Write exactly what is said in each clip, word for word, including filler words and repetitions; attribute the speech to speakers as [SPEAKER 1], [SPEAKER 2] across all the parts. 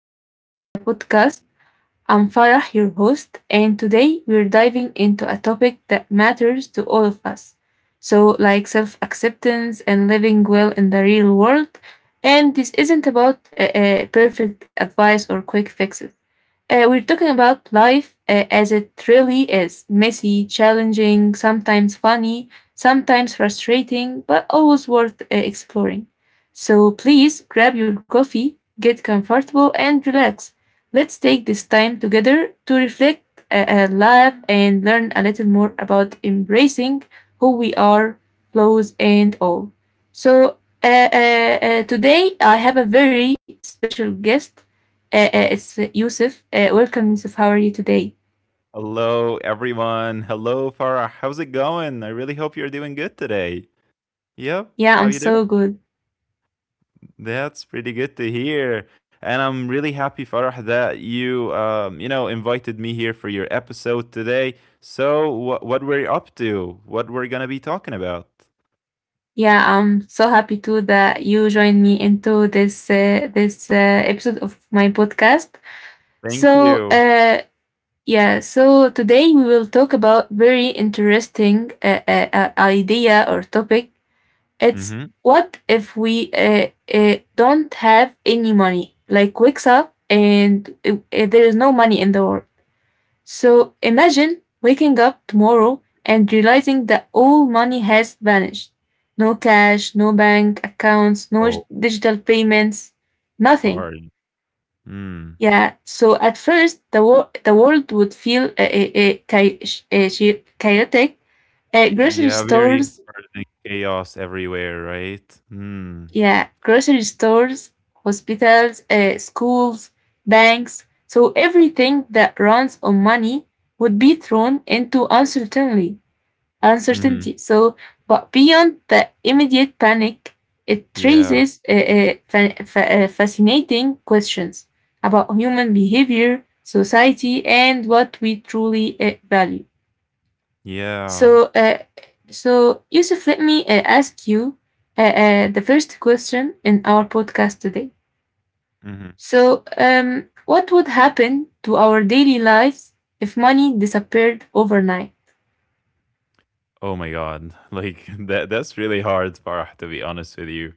[SPEAKER 1] back to the podcast. I'm Farah, your host, and today we're diving into a topic that matters to all of us. So, like self acceptance and living well in the real world. And this isn't about uh, uh, perfect advice or quick fixes. Uh, we're talking about life uh, as it really is messy, challenging, sometimes funny, sometimes frustrating, but always worth uh, exploring. So please grab your coffee, get comfortable, and relax. Let's take this time together to reflect, uh, uh, laugh, and learn a little more about embracing who we are, flaws, and all. So uh, uh, uh, today I have a very special guest, uh, uh, it's uh, Yusuf. Uh, welcome, Yusuf. How are you today?
[SPEAKER 2] Hello, everyone. Hello, Farah. How's it going? I really hope you're doing good today. Yep.
[SPEAKER 1] Yeah,
[SPEAKER 2] How
[SPEAKER 1] I'm
[SPEAKER 2] you doing?
[SPEAKER 1] so good.
[SPEAKER 2] That's pretty good to hear. And I'm really happy, Farah, that you, um, you know, invited me here for your episode today. So, what what we're up to? What we're gonna be talking about?
[SPEAKER 1] Yeah, I'm so happy too that you joined me into this uh, this uh, episode of my podcast.
[SPEAKER 2] Thank
[SPEAKER 1] So,
[SPEAKER 2] you.
[SPEAKER 1] uh, yeah, so today we will talk about very interesting uh, uh, uh, idea or topic. It's,
[SPEAKER 2] Mm-hmm.
[SPEAKER 1] what if we uh, uh, don't have any money? Like wakes up and uh, uh, there is no money in the world. So imagine waking up tomorrow and realizing that all money has vanished. No cash, no bank accounts, no j-
[SPEAKER 2] Oh,
[SPEAKER 1] digital payments, nothing.
[SPEAKER 2] hard. Hmm.
[SPEAKER 1] Yeah, so at first the, wor- the world would feel uh, uh, uh, chi- sh- uh, chi- chaotic. Uh, grocery
[SPEAKER 2] Yeah, very
[SPEAKER 1] stores,
[SPEAKER 2] hard and chaos everywhere, right? Hmm.
[SPEAKER 1] yeah, grocery stores, hospitals, uh, schools, banks. So everything that runs on money would be thrown into uncertainty.
[SPEAKER 2] Mm-hmm.
[SPEAKER 1] uncertainty. So, but beyond the immediate panic, it
[SPEAKER 2] Yeah.
[SPEAKER 1] raises uh, uh, fa- fa- uh, fascinating questions about human behavior, society, and what we truly uh, value.
[SPEAKER 2] Yeah.
[SPEAKER 1] So, uh, so Yusuf, let me uh, ask you uh, uh, the first question in our podcast today.
[SPEAKER 2] Mm-hmm.
[SPEAKER 1] So, um, what would happen to our daily lives if money disappeared overnight?
[SPEAKER 2] Oh my God. Like that that's really hard, Farah, to be honest with you.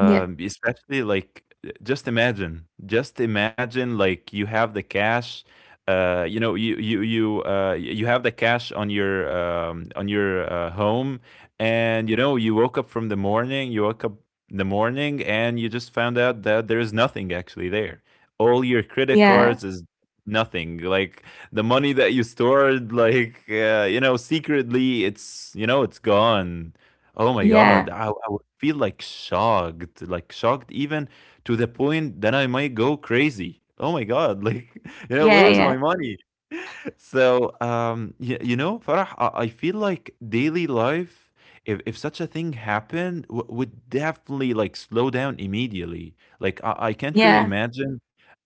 [SPEAKER 1] Yeah,
[SPEAKER 2] especially like, uh, just imagine, just imagine like you have the cash, uh, you know, you you you uh, y- you have the cash on your um, on your uh, home, and you know you woke up from the morning, you woke up in the morning, and you just found out that there is nothing actually there. All your credit cards
[SPEAKER 1] yeah,
[SPEAKER 2] is nothing. Like the money that you stored, like uh, you know, secretly, it's you know, it's gone. Oh my God,
[SPEAKER 1] yeah,
[SPEAKER 2] I, I would feel like shocked, like shocked even to the point that I might go crazy. Oh my God, like, you know,
[SPEAKER 1] yeah,
[SPEAKER 2] where's my
[SPEAKER 1] yeah,
[SPEAKER 2] money? So, um, you, you know, Farah, I, I feel like daily life, if, if such a thing happened, w- would definitely like slow down immediately. Like, I, I can't really
[SPEAKER 1] yeah.
[SPEAKER 2] imagine,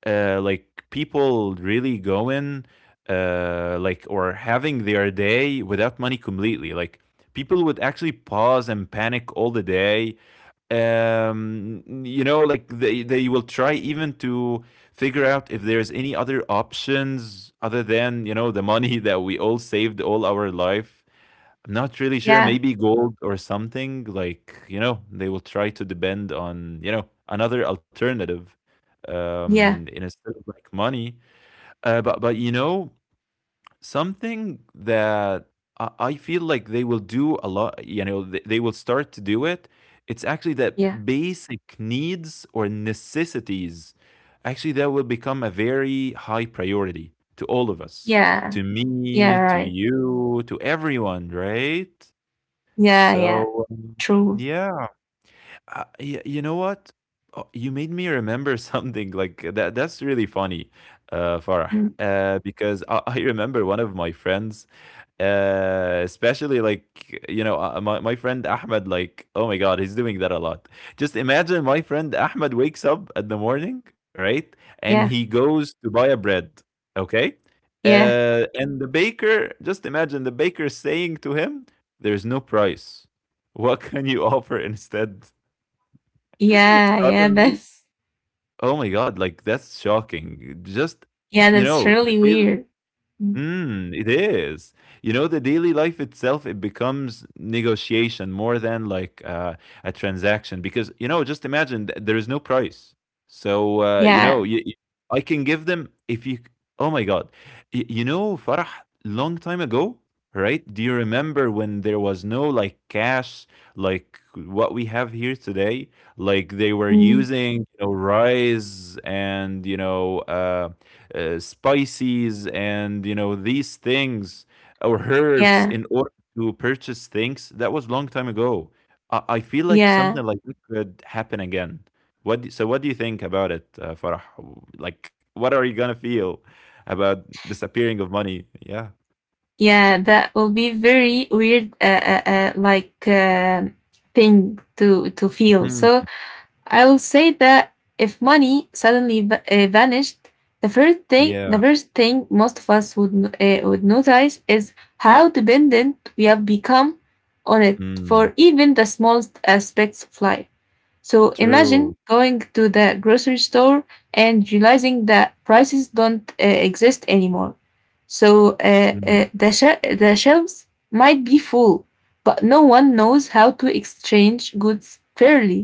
[SPEAKER 2] uh, like people really going, uh, like or having their day without money completely. Like, people would actually pause and panic all the day. Um you know, like they they will try even to figure out if there's any other options other than, you know, the money that we all saved all our life. I'm not really sure,
[SPEAKER 1] Yeah,
[SPEAKER 2] maybe gold or something. Like, you know, they will try to depend on, you know, another alternative um
[SPEAKER 1] yeah,
[SPEAKER 2] instead of like money. Uh but but you know, something that I I feel like they will do a lot, you know, th- they will start to do it. It's actually that
[SPEAKER 1] yeah,
[SPEAKER 2] basic needs or necessities, actually, that will become a very high priority to all of us,
[SPEAKER 1] yeah,
[SPEAKER 2] to
[SPEAKER 1] yeah,
[SPEAKER 2] me, to
[SPEAKER 1] right.
[SPEAKER 2] you, to everyone, right?
[SPEAKER 1] Yeah, yeah,
[SPEAKER 2] So, um,
[SPEAKER 1] true.
[SPEAKER 2] yeah, uh, y- you know what? Oh, you made me remember something like that. That's really funny, uh, Farah,
[SPEAKER 1] Mm,
[SPEAKER 2] uh, because I, I remember one of my friends. Uh especially like you know uh, My, my friend Ahmed, like oh my god, he's doing that a lot. Just imagine, my friend Ahmed wakes up at the morning, right, and he
[SPEAKER 1] yeah,
[SPEAKER 2] goes to buy a bread, okay,
[SPEAKER 1] yeah,
[SPEAKER 2] uh and the baker, just imagine the baker saying to him, there's no price, what can you offer instead?
[SPEAKER 1] yeah, yeah,
[SPEAKER 2] Suddenly,
[SPEAKER 1] that's,
[SPEAKER 2] oh my god, like that's shocking. Just,
[SPEAKER 1] yeah,
[SPEAKER 2] you
[SPEAKER 1] that's
[SPEAKER 2] know, the
[SPEAKER 1] really
[SPEAKER 2] day.
[SPEAKER 1] weird. Mm,
[SPEAKER 2] Mm, it is. You know, the daily life itself, it becomes negotiation more than like uh, a transaction because, you know, just imagine th- there is no price. So, uh, you
[SPEAKER 1] yeah,
[SPEAKER 2] know, you, you- I can give them if you, oh my God. Y- you know, Farah, long time ago, right? Do you remember when there was no like cash, like what we have here today? Like they were
[SPEAKER 1] mm,
[SPEAKER 2] using, you know, rice and, you know, uh, uh, spices, and you know, these things or herbs
[SPEAKER 1] yeah,
[SPEAKER 2] in order to purchase things. That was long time ago. i, I feel like
[SPEAKER 1] yeah,
[SPEAKER 2] something like that could happen again. What do, so what do you think about it, uh, Farah? Like what are you gonna feel about disappearing of money? Yeah.
[SPEAKER 1] yeah, that will be very weird, uh, uh, uh like, um thing to to feel.
[SPEAKER 2] Mhm.
[SPEAKER 1] So I'll say that if money suddenly va- uh, vanished, the first
[SPEAKER 2] Yeah.
[SPEAKER 1] thing, the first thing most of us would uh, would notice is how dependent we have become on it
[SPEAKER 2] Mm.
[SPEAKER 1] for even the smallest aspects of life. So
[SPEAKER 2] True.
[SPEAKER 1] imagine going to the grocery store and realizing that prices don't uh, exist anymore. So uh,
[SPEAKER 2] Mm.
[SPEAKER 1] uh, the she- the shelves might be full, but no one knows how to exchange goods fairly,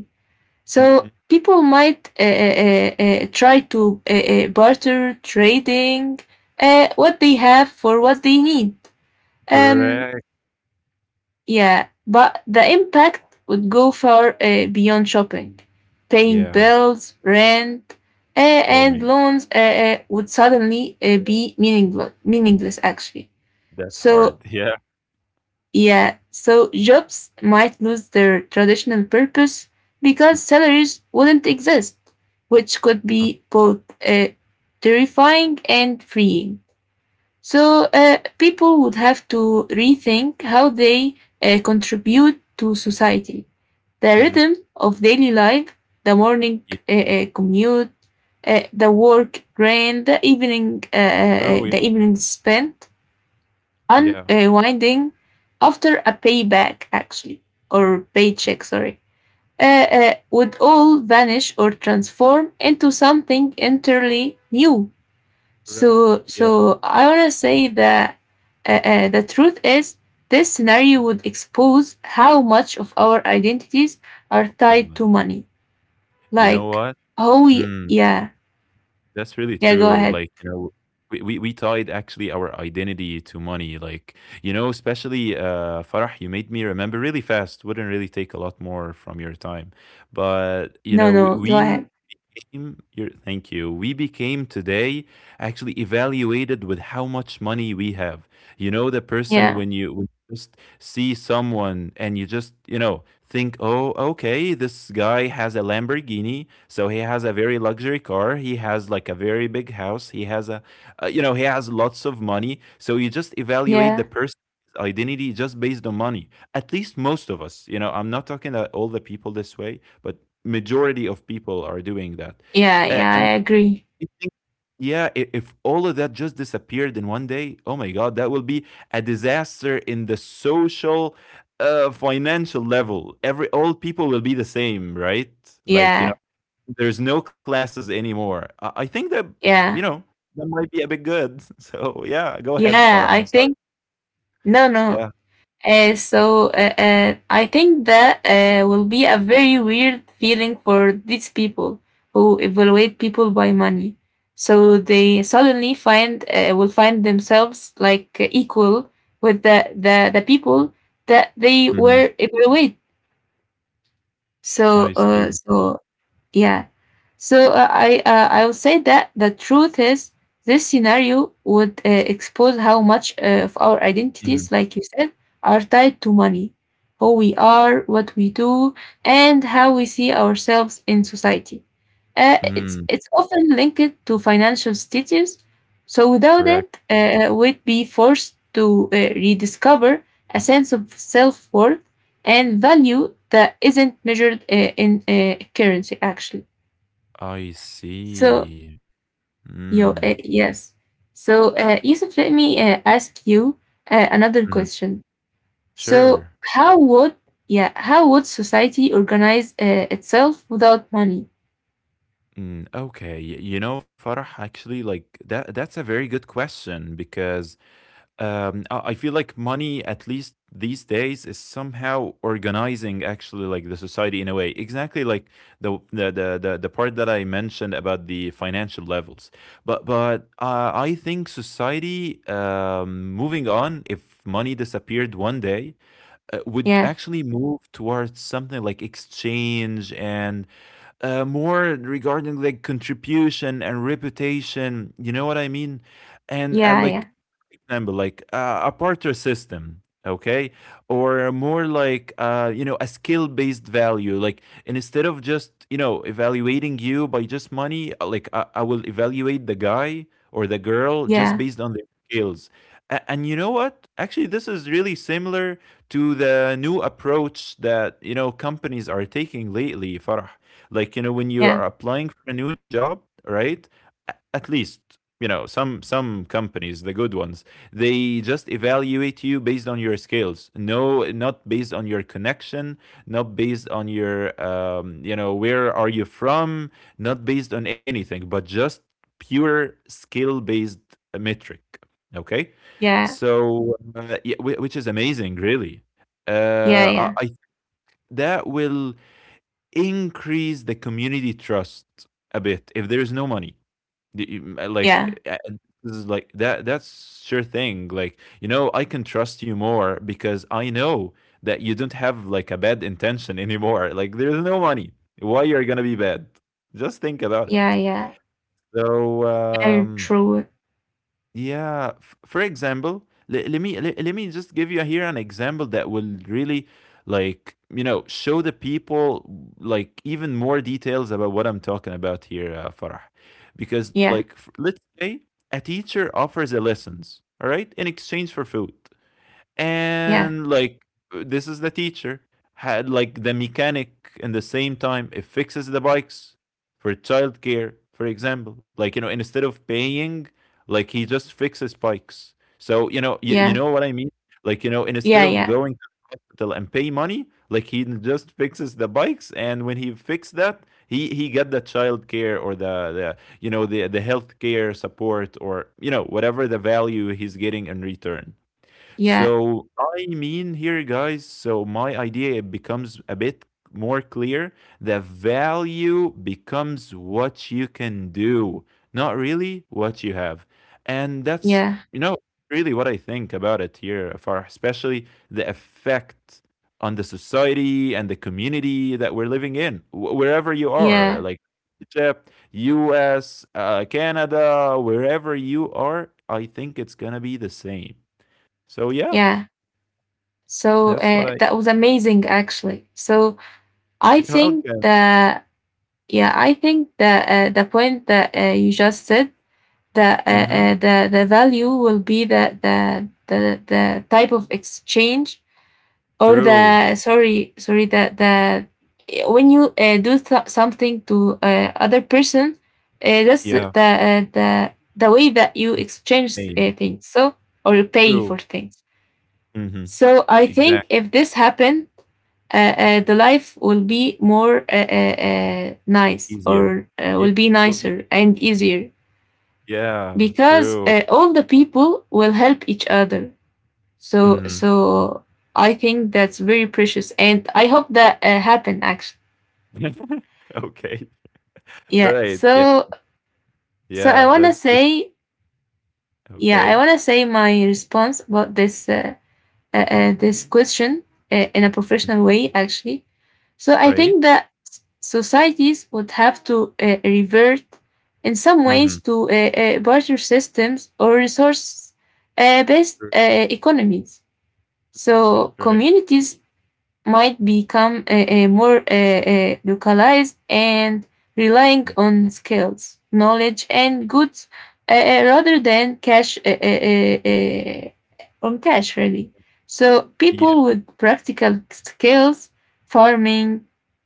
[SPEAKER 1] so
[SPEAKER 2] Mhm.
[SPEAKER 1] people might uh, uh, uh, try to uh, uh, barter, trading uh, what they have for what they need. Um,
[SPEAKER 2] Correct.
[SPEAKER 1] yeah, but the impact would go far uh, beyond shopping. Paying
[SPEAKER 2] Yeah.
[SPEAKER 1] bills, rent, uh,
[SPEAKER 2] Oh my
[SPEAKER 1] and
[SPEAKER 2] god,
[SPEAKER 1] loans uh, uh, would suddenly uh, be meaningless, meaningless, actually.
[SPEAKER 2] that's
[SPEAKER 1] So
[SPEAKER 2] hard. Yeah.
[SPEAKER 1] Yeah, so jobs might lose their traditional purpose because
[SPEAKER 2] Mm.
[SPEAKER 1] salaries wouldn't exist, which could
[SPEAKER 2] No.
[SPEAKER 1] be both uh, terrifying and freeing. So uh, people would have to rethink how they uh, contribute to society. The
[SPEAKER 2] Mhm.
[SPEAKER 1] rhythm of daily life, the morning
[SPEAKER 2] Yeah.
[SPEAKER 1] uh, uh, commute, uh, the work rain, the evening, uh, uh,
[SPEAKER 2] True.
[SPEAKER 1] uh,
[SPEAKER 2] Yeah.
[SPEAKER 1] the evening spent
[SPEAKER 2] Yeah,
[SPEAKER 1] unwinding after a payback, actually, or paycheck, sorry, uh,
[SPEAKER 2] yeah.
[SPEAKER 1] uh, would all vanish or transform into something entirely new.
[SPEAKER 2] Correct.
[SPEAKER 1] So,
[SPEAKER 2] Yeah.
[SPEAKER 1] so I want to say that uh, uh, the truth is this scenario
[SPEAKER 2] Mm,
[SPEAKER 1] would expose how much of our identities are
[SPEAKER 2] oh my
[SPEAKER 1] tied
[SPEAKER 2] god.
[SPEAKER 1] to money.
[SPEAKER 2] You know
[SPEAKER 1] Like,
[SPEAKER 2] what?
[SPEAKER 1] oh, y-
[SPEAKER 2] Mm,
[SPEAKER 1] yeah,
[SPEAKER 2] that's really
[SPEAKER 1] yeah,
[SPEAKER 2] true.
[SPEAKER 1] go
[SPEAKER 2] Like,
[SPEAKER 1] ahead.
[SPEAKER 2] you know, we, we, we tied actually our identity to money. Like, you know, especially, uh, Farah, you made me remember really fast. Wouldn't really take a lot more from your time. But, you
[SPEAKER 1] No,
[SPEAKER 2] know, we,
[SPEAKER 1] no, go
[SPEAKER 2] we
[SPEAKER 1] ahead.
[SPEAKER 2] became, your, thank you. We became today actually evaluated with how much money we have. You know, the person
[SPEAKER 1] Yeah,
[SPEAKER 2] when you when you just see someone and you just, you know, think, oh, okay, this guy has a Lamborghini. So he has a very luxury car. He has like a very big house. He has a, uh, you know, he has lots of money. So you just evaluate the
[SPEAKER 1] yeah,
[SPEAKER 2] person's identity just based on money. At least most of us, you know, I'm not talking that all the people this way, but majority of people are doing that.
[SPEAKER 1] yeah,
[SPEAKER 2] A-
[SPEAKER 1] yeah, I
[SPEAKER 2] and
[SPEAKER 1] agree.
[SPEAKER 2] you think, yeah, I if all of that just disappeared in one day, oh my god, that will be a disaster in the social, uh, financial level. Every all people will be the same, right? Like, you know,
[SPEAKER 1] Yeah,
[SPEAKER 2] there's no classes anymore. I, I think that, you know,
[SPEAKER 1] yeah.
[SPEAKER 2] that might be a bit good. So yeah, go ahead, Farah.
[SPEAKER 1] Yeah,
[SPEAKER 2] I'm
[SPEAKER 1] I
[SPEAKER 2] sorry.
[SPEAKER 1] think, no, no.
[SPEAKER 2] Yeah.
[SPEAKER 1] Uh, so uh, uh, I think that uh, will be a very weird feeling for these people who evaluate people by money. So they suddenly find uh, will find themselves like equal with the, the the people that they
[SPEAKER 2] Mhm.
[SPEAKER 1] were evaluate. So
[SPEAKER 2] I
[SPEAKER 1] uh,
[SPEAKER 2] see.
[SPEAKER 1] so yeah. So uh, I uh, I will say that the truth is this scenario would uh, expose how much uh, of our identities,
[SPEAKER 2] Mhm.
[SPEAKER 1] like you said, are tied to money, who we are, what we do, and how we see ourselves in society. Uh, it's
[SPEAKER 2] Mm,
[SPEAKER 1] it's often linked to financial status. So without
[SPEAKER 2] correct.
[SPEAKER 1] it, uh, we'd be forced to uh, rediscover a sense of self worth and value that isn't measured uh, in uh, currency, actually.
[SPEAKER 2] I
[SPEAKER 1] So
[SPEAKER 2] see.
[SPEAKER 1] yo
[SPEAKER 2] Mm.
[SPEAKER 1] uh, yes. So uh, Yusuf, let me uh, ask you uh, another
[SPEAKER 2] Mhm.
[SPEAKER 1] question. So,
[SPEAKER 2] Sure.
[SPEAKER 1] how would yeah, how would society organize uh, itself without money?
[SPEAKER 2] Mm, okay, y- you know, Farah, actually, like that that's a very good question because um I I feel like money, at least these days, is somehow organizing actually like the society in a way. Exactly like the the the the, the part that I mentioned about the financial levels. But but uh, I think society, um moving on, if money disappeared one day, uh, would
[SPEAKER 1] Yeah,
[SPEAKER 2] actually move towards something like exchange and, uh, more regarding like contribution and reputation. You know what I mean? And at
[SPEAKER 1] yeah, yeah,
[SPEAKER 2] like example, like uh, a barter system, okay, or more like, uh, you know, a skill-based value. Like, and instead of just, you know, evaluating you by just money, uh, like I, I will evaluate the guy or the girl just
[SPEAKER 1] yeah,
[SPEAKER 2] based on their skills. A- And you know what? Actually, this is really similar to the new approach that, you know, companies are taking lately. Farah, like you know, when you
[SPEAKER 1] yeah,
[SPEAKER 2] are applying for a new job, right? A- at least, you know, some some companies, the good ones, they just evaluate you based on your skills, no, not based on your connection, not based on your, um, you know, where are you from, not based on anything, but just pure skill based metric, okay.
[SPEAKER 1] yeah,
[SPEAKER 2] So, uh, yeah, which is amazing, really.
[SPEAKER 1] yeah,
[SPEAKER 2] uh, I,
[SPEAKER 1] yeah,
[SPEAKER 2] I that will increase the community trust a bit if there is no money. The-
[SPEAKER 1] yeah,
[SPEAKER 2] like uh, this is like that that's sure thing, like, you know, I can trust you more because I know that you don't have like a bad intention anymore. Like, there's no money, why you're gonna be bad? Just think about
[SPEAKER 1] yeah,
[SPEAKER 2] it.
[SPEAKER 1] yeah,
[SPEAKER 2] So
[SPEAKER 1] yeah,
[SPEAKER 2] um
[SPEAKER 1] true,
[SPEAKER 2] yeah. F- for example, le- let me le- let me just give you here an example that will really, like, you know, show the people like even more details about what I'm talking about here, uh, Farah. Because
[SPEAKER 1] yeah,
[SPEAKER 2] like, f- let's say a teacher offers a lessons, all right, in exchange for food.
[SPEAKER 1] yeah,
[SPEAKER 2] And like, this is the teacher had like, the mechanic, in the same time, it fixes the bikes for childcare, for example, like, you know, instead of paying, like he just fixes bikes. So, you know, you, you
[SPEAKER 1] yeah,
[SPEAKER 2] know what I mean? Like, you know, instead
[SPEAKER 1] yeah,
[SPEAKER 2] of
[SPEAKER 1] yeah,
[SPEAKER 2] going to the hospital and pay money, like, he just fixes the bikes. And when he fixed that, he he got the child care or the the you know the the health care support, or you know, whatever the value he's getting in return.
[SPEAKER 1] yeah,
[SPEAKER 2] So I mean here, guys, so my idea becomes a bit more clear. The value becomes what you can do, not really what you have. And that's,
[SPEAKER 1] yeah,
[SPEAKER 2] you know, really what I think about it here, Farah, especially the effect on the society and the community that we're living in, wh- wherever you are,
[SPEAKER 1] yeah,
[SPEAKER 2] like Egypt, U S, uh, Canada, wherever you are, I think it's going to be the same. So, yeah.
[SPEAKER 1] yeah. So
[SPEAKER 2] That's what
[SPEAKER 1] uh,
[SPEAKER 2] I.
[SPEAKER 1] that was amazing, actually. So I think
[SPEAKER 2] Okay.
[SPEAKER 1] that yeah, I think that uh, the point that uh, you just said, that uh,
[SPEAKER 2] Mhm.
[SPEAKER 1] uh, the the value will be the the the the type of exchange, or
[SPEAKER 2] True.
[SPEAKER 1] the sorry sorry that the when you uh, do th- something to uh, other person, uh, that's the
[SPEAKER 2] Yeah,
[SPEAKER 1] the uh, the the way that you
[SPEAKER 2] it's
[SPEAKER 1] exchange uh,
[SPEAKER 2] saying.
[SPEAKER 1] things. So or you pay for
[SPEAKER 2] True.
[SPEAKER 1] things.
[SPEAKER 2] Mhm.
[SPEAKER 1] So I think
[SPEAKER 2] Exact.
[SPEAKER 1] if this happened, uh, uh, the life will be more uh, uh, uh, nice,
[SPEAKER 2] Easier.
[SPEAKER 1] or uh,
[SPEAKER 2] Yeah,
[SPEAKER 1] will
[SPEAKER 2] it
[SPEAKER 1] be
[SPEAKER 2] will be.
[SPEAKER 1] nicer and easier,
[SPEAKER 2] Yeah,
[SPEAKER 1] because
[SPEAKER 2] true.
[SPEAKER 1] uh, all the people will help each other. So
[SPEAKER 2] Mhm.
[SPEAKER 1] so I think that's very precious, and I hope that uh, happen, actually.
[SPEAKER 2] Okay.
[SPEAKER 1] Yeah.
[SPEAKER 2] Alright, yeah,
[SPEAKER 1] So so I
[SPEAKER 2] yeah,
[SPEAKER 1] wanna
[SPEAKER 2] that's true.
[SPEAKER 1] say yeah, I
[SPEAKER 2] Okay.
[SPEAKER 1] wanna say my response about this uh, uh, uh, this question uh, in a
[SPEAKER 2] Mm,
[SPEAKER 1] professional way, actually. So I
[SPEAKER 2] right?
[SPEAKER 1] think that s- societies would have to uh, revert in some ways
[SPEAKER 2] Mhm.
[SPEAKER 1] to uh, uh, barter systems or resource uh, based
[SPEAKER 2] True.
[SPEAKER 1] uh, economies.
[SPEAKER 2] Mm, that's
[SPEAKER 1] So
[SPEAKER 2] right.
[SPEAKER 1] communities might become a, a more a a localized and relying
[SPEAKER 2] Mm,
[SPEAKER 1] on skills, knowledge, and goods, uh, uh, rather than cash, uh, uh, uh, on cash, really. So
[SPEAKER 2] yeah.
[SPEAKER 1] people with practical skills, farming,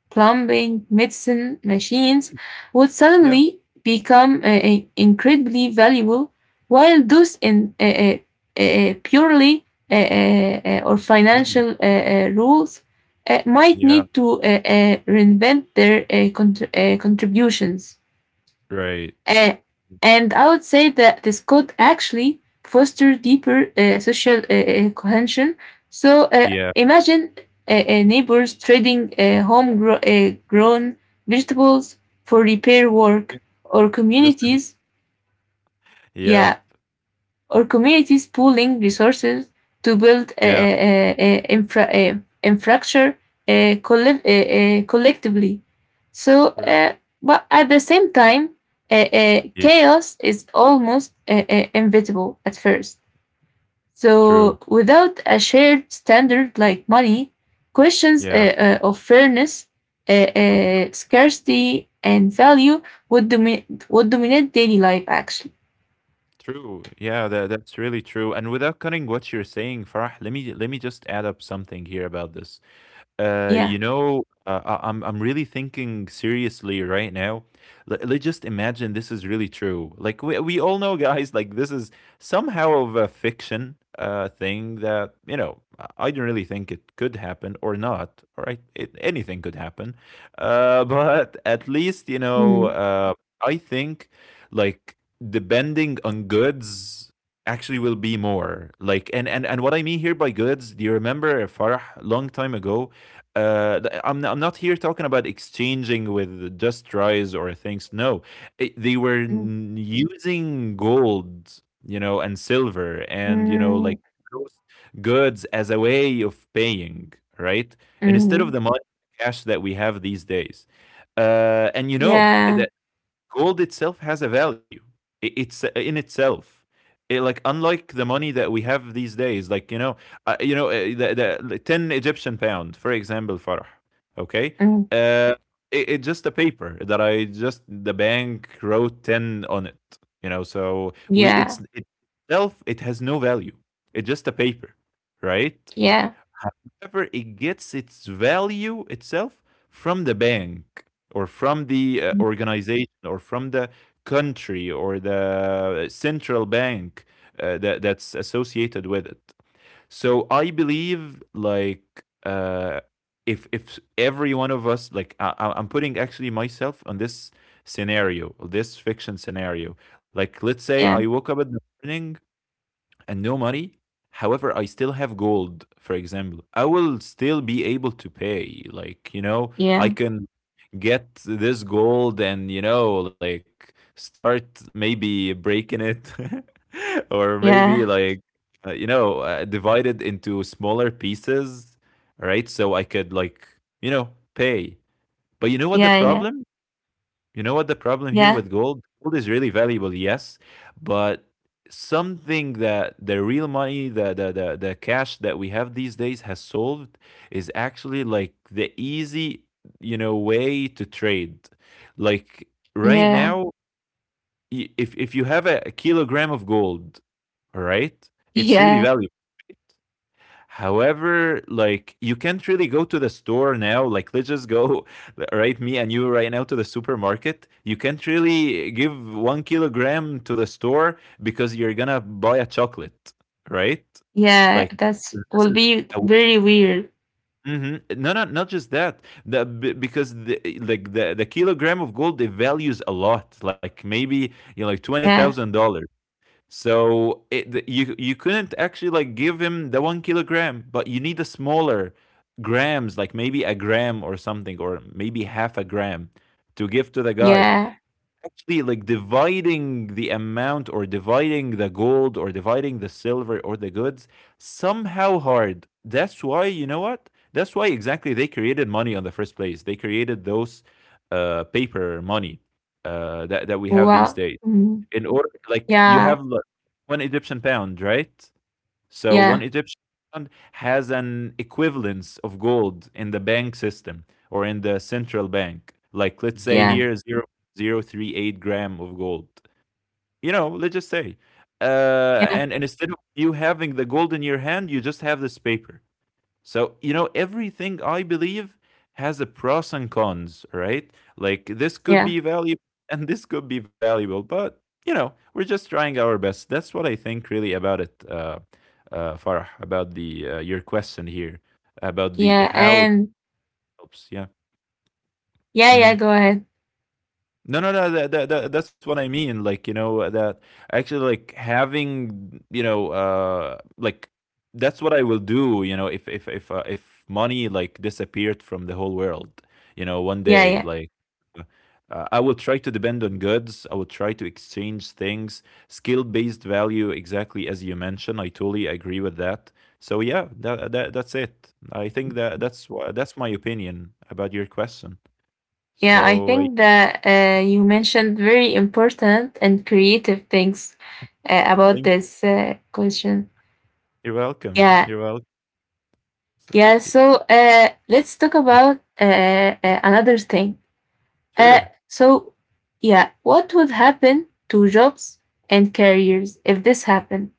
[SPEAKER 1] plumbing, medicine, machines, would
[SPEAKER 2] Yeah,
[SPEAKER 1] suddenly become uh, uh, incredibly valuable, while those in uh, uh, uh, purely uh, uh, uh, or
[SPEAKER 2] money.
[SPEAKER 1] financial uh, uh, rules uh, might
[SPEAKER 2] Yeah,
[SPEAKER 1] need to uh, uh, reinvent their eh, contr- eh, contributions.
[SPEAKER 2] right.
[SPEAKER 1] Uh, and I would say that this could actually foster deeper uh, social uh, cohesion. So uh,
[SPEAKER 2] Yeah.
[SPEAKER 1] imagine uh, uh, neighbors trading uh, homegrown uh, vegetables for repair work,
[SPEAKER 2] Yeah,
[SPEAKER 1] or
[SPEAKER 2] just a bit.
[SPEAKER 1] communities
[SPEAKER 2] Yep,
[SPEAKER 1] yeah, or communities pooling resources to build uh,
[SPEAKER 2] yeah,
[SPEAKER 1] uh, uh, infra, uh, infrastructure uh, colle- uh, uh, collectively. So,
[SPEAKER 2] correct.
[SPEAKER 1] uh, but at the same time, uh, uh,
[SPEAKER 2] Yeah,
[SPEAKER 1] chaos is almost uh, uh, inevitable at first.
[SPEAKER 2] true.
[SPEAKER 1] So, without a shared standard like money, questions
[SPEAKER 2] Yeah, well,
[SPEAKER 1] uh, uh, of fairness, uh, uh, scarcity, and value would, domi- would dominate daily life, actually.
[SPEAKER 2] true. Yeah, that that's really true. And without cutting what you're saying, Farah, let me let me just add up something here about this. Uh, you
[SPEAKER 1] Yeah.
[SPEAKER 2] know, uh, I- I'm I'm really thinking seriously right now. Let, let's just imagine this is really true. Like we we all know, guys. Like this is somehow of a fiction uh thing that, you know, I I don't really think it could happen or not. All right, it, anything could happen. Uh, but at least you know,
[SPEAKER 1] Mm,
[SPEAKER 2] uh, I think like depending on goods actually will be more like and and and what I mean here by goods. Do you remember, Farah, long time ago, uh, I'm I'm not here talking about exchanging with Just Rise or things. No, it, they were
[SPEAKER 1] mm,
[SPEAKER 2] using gold, you know, and silver, and you know,
[SPEAKER 1] mm.
[SPEAKER 2] like those goods as a way of paying, right? And instead of
[SPEAKER 1] Mm,
[SPEAKER 2] the money cash that we have these days. Uh, and you know, it,
[SPEAKER 1] yeah,
[SPEAKER 2] Gold itself has a value, I- it's uh, in itself. It, like, unlike the money that we have these days, like you know, uh, you know uh, the, the, the ten Egyptian pound for example, Farah, okay,
[SPEAKER 1] mm,
[SPEAKER 2] uh, it, it's just a paper that I, just the bank wrote ten on it, you know, so we, it's
[SPEAKER 1] yeah,
[SPEAKER 2] itself, it has no value. It's just a paper, right?
[SPEAKER 1] yeah,
[SPEAKER 2] However, it gets its value itself from the bank, or from the uh,
[SPEAKER 1] mm,
[SPEAKER 2] organization, or from the country or the central bank uh, that that's associated with it. So I believe like, uh, if if every one of us, like I, I- i'm putting actually myself on this scenario, this fiction scenario. Like let's say
[SPEAKER 1] yeah,
[SPEAKER 2] I woke up in the morning and no money, however I still have gold for example. I will still be able to pay, like you know, I
[SPEAKER 1] yeah,
[SPEAKER 2] can get this gold and you know like start maybe breaking it, or maybe
[SPEAKER 1] yeah,
[SPEAKER 2] like, uh, you know uh, divide it into smaller pieces. All right, so I could like, you know, pay. But you know what the
[SPEAKER 1] yeah,
[SPEAKER 2] problem, you know what the problem here
[SPEAKER 1] yeah, yeah,
[SPEAKER 2] with gold? Gold is really valuable, yes, but something that the real money, the the the, the cash that we have these days has solved is actually like the easy, you know, way to trade. Like right
[SPEAKER 1] yeah,
[SPEAKER 2] now, y- if if you have a, a kilogram of gold, all right, it's really
[SPEAKER 1] yeah,
[SPEAKER 2] valuable. Right? However, like you can't really go to the store now. Like let's just go, right? Me and you right now to the supermarket. You can't really give one kilogram to the store because you're gonna buy a chocolate, right?
[SPEAKER 1] yeah.
[SPEAKER 2] Like
[SPEAKER 1] That's
[SPEAKER 2] this
[SPEAKER 1] will
[SPEAKER 2] is
[SPEAKER 1] be
[SPEAKER 2] a
[SPEAKER 1] very weird.
[SPEAKER 2] Mhm. No, no, not just that. The b- because the, like, the the kilogram of gold, it values a lot. Like maybe you know, like twenty
[SPEAKER 1] Yeah,
[SPEAKER 2] thousand dollars. So it, you you couldn't actually like give him the one kilogram, but you need a smaller grams, like maybe a gram or something, or maybe half a gram to give to the guy.
[SPEAKER 1] yeah.
[SPEAKER 2] Actually, like dividing the amount or dividing the gold or dividing the silver or the goods, somehow hard. That's why, you know what? That's why exactly they created money on the first place. They created those uh, paper money uh, that that we have these
[SPEAKER 1] Wow.
[SPEAKER 2] days,
[SPEAKER 1] Mm,
[SPEAKER 2] in order like you
[SPEAKER 1] yeah,
[SPEAKER 2] have, look, one Egyptian pound, right? So one
[SPEAKER 1] yeah,
[SPEAKER 2] Egyptian pound has an equivalence of gold in the bank system or in the central bank. Like let's say
[SPEAKER 1] yeah,
[SPEAKER 2] here zero zero three eight gram of gold. You know, let's just say. Uh,
[SPEAKER 1] yeah,
[SPEAKER 2] and, and instead of you having the gold in your hand, you just have this paper. So, you know, everything I believe has a pros and cons, right? Like this could
[SPEAKER 1] yeah,
[SPEAKER 2] be valuable and this could be valuable, but you know, we're just trying our best. That's what I think really about it, uh, uh, Farah, about the uh, your question here about the
[SPEAKER 1] yeah.
[SPEAKER 2] how it
[SPEAKER 1] And
[SPEAKER 2] helps. Yeah.
[SPEAKER 1] yeah, yeah.
[SPEAKER 2] Mhm.
[SPEAKER 1] Go ahead.
[SPEAKER 2] No, no, no. That, that, that that's what I mean. Like you know that actually like having you know uh like that's what I will do. You know if if if uh, if money like disappeared from the whole world, you know one
[SPEAKER 1] Yeah,
[SPEAKER 2] day
[SPEAKER 1] yeah,
[SPEAKER 2] like. Uh, I will try to depend on goods. I will try to exchange things. Skill based value, exactly as you mentioned. I totally agree with that. So yeah, that, that that's it. I think that that's wha- that's my opinion about your question.
[SPEAKER 1] yeah. I
[SPEAKER 2] So I
[SPEAKER 1] think that uh, you mentioned very important and creative things uh, about
[SPEAKER 2] think.
[SPEAKER 1] this uh, question.
[SPEAKER 2] You're welcome.
[SPEAKER 1] Yeah,
[SPEAKER 2] You're welcome. So,
[SPEAKER 1] yeah,
[SPEAKER 2] I
[SPEAKER 1] so uh, let's talk
[SPEAKER 2] mm,
[SPEAKER 1] about uh, uh, another thing. Uh,
[SPEAKER 2] sure.
[SPEAKER 1] so, yeah, what would happen to jobs and careers if this happened?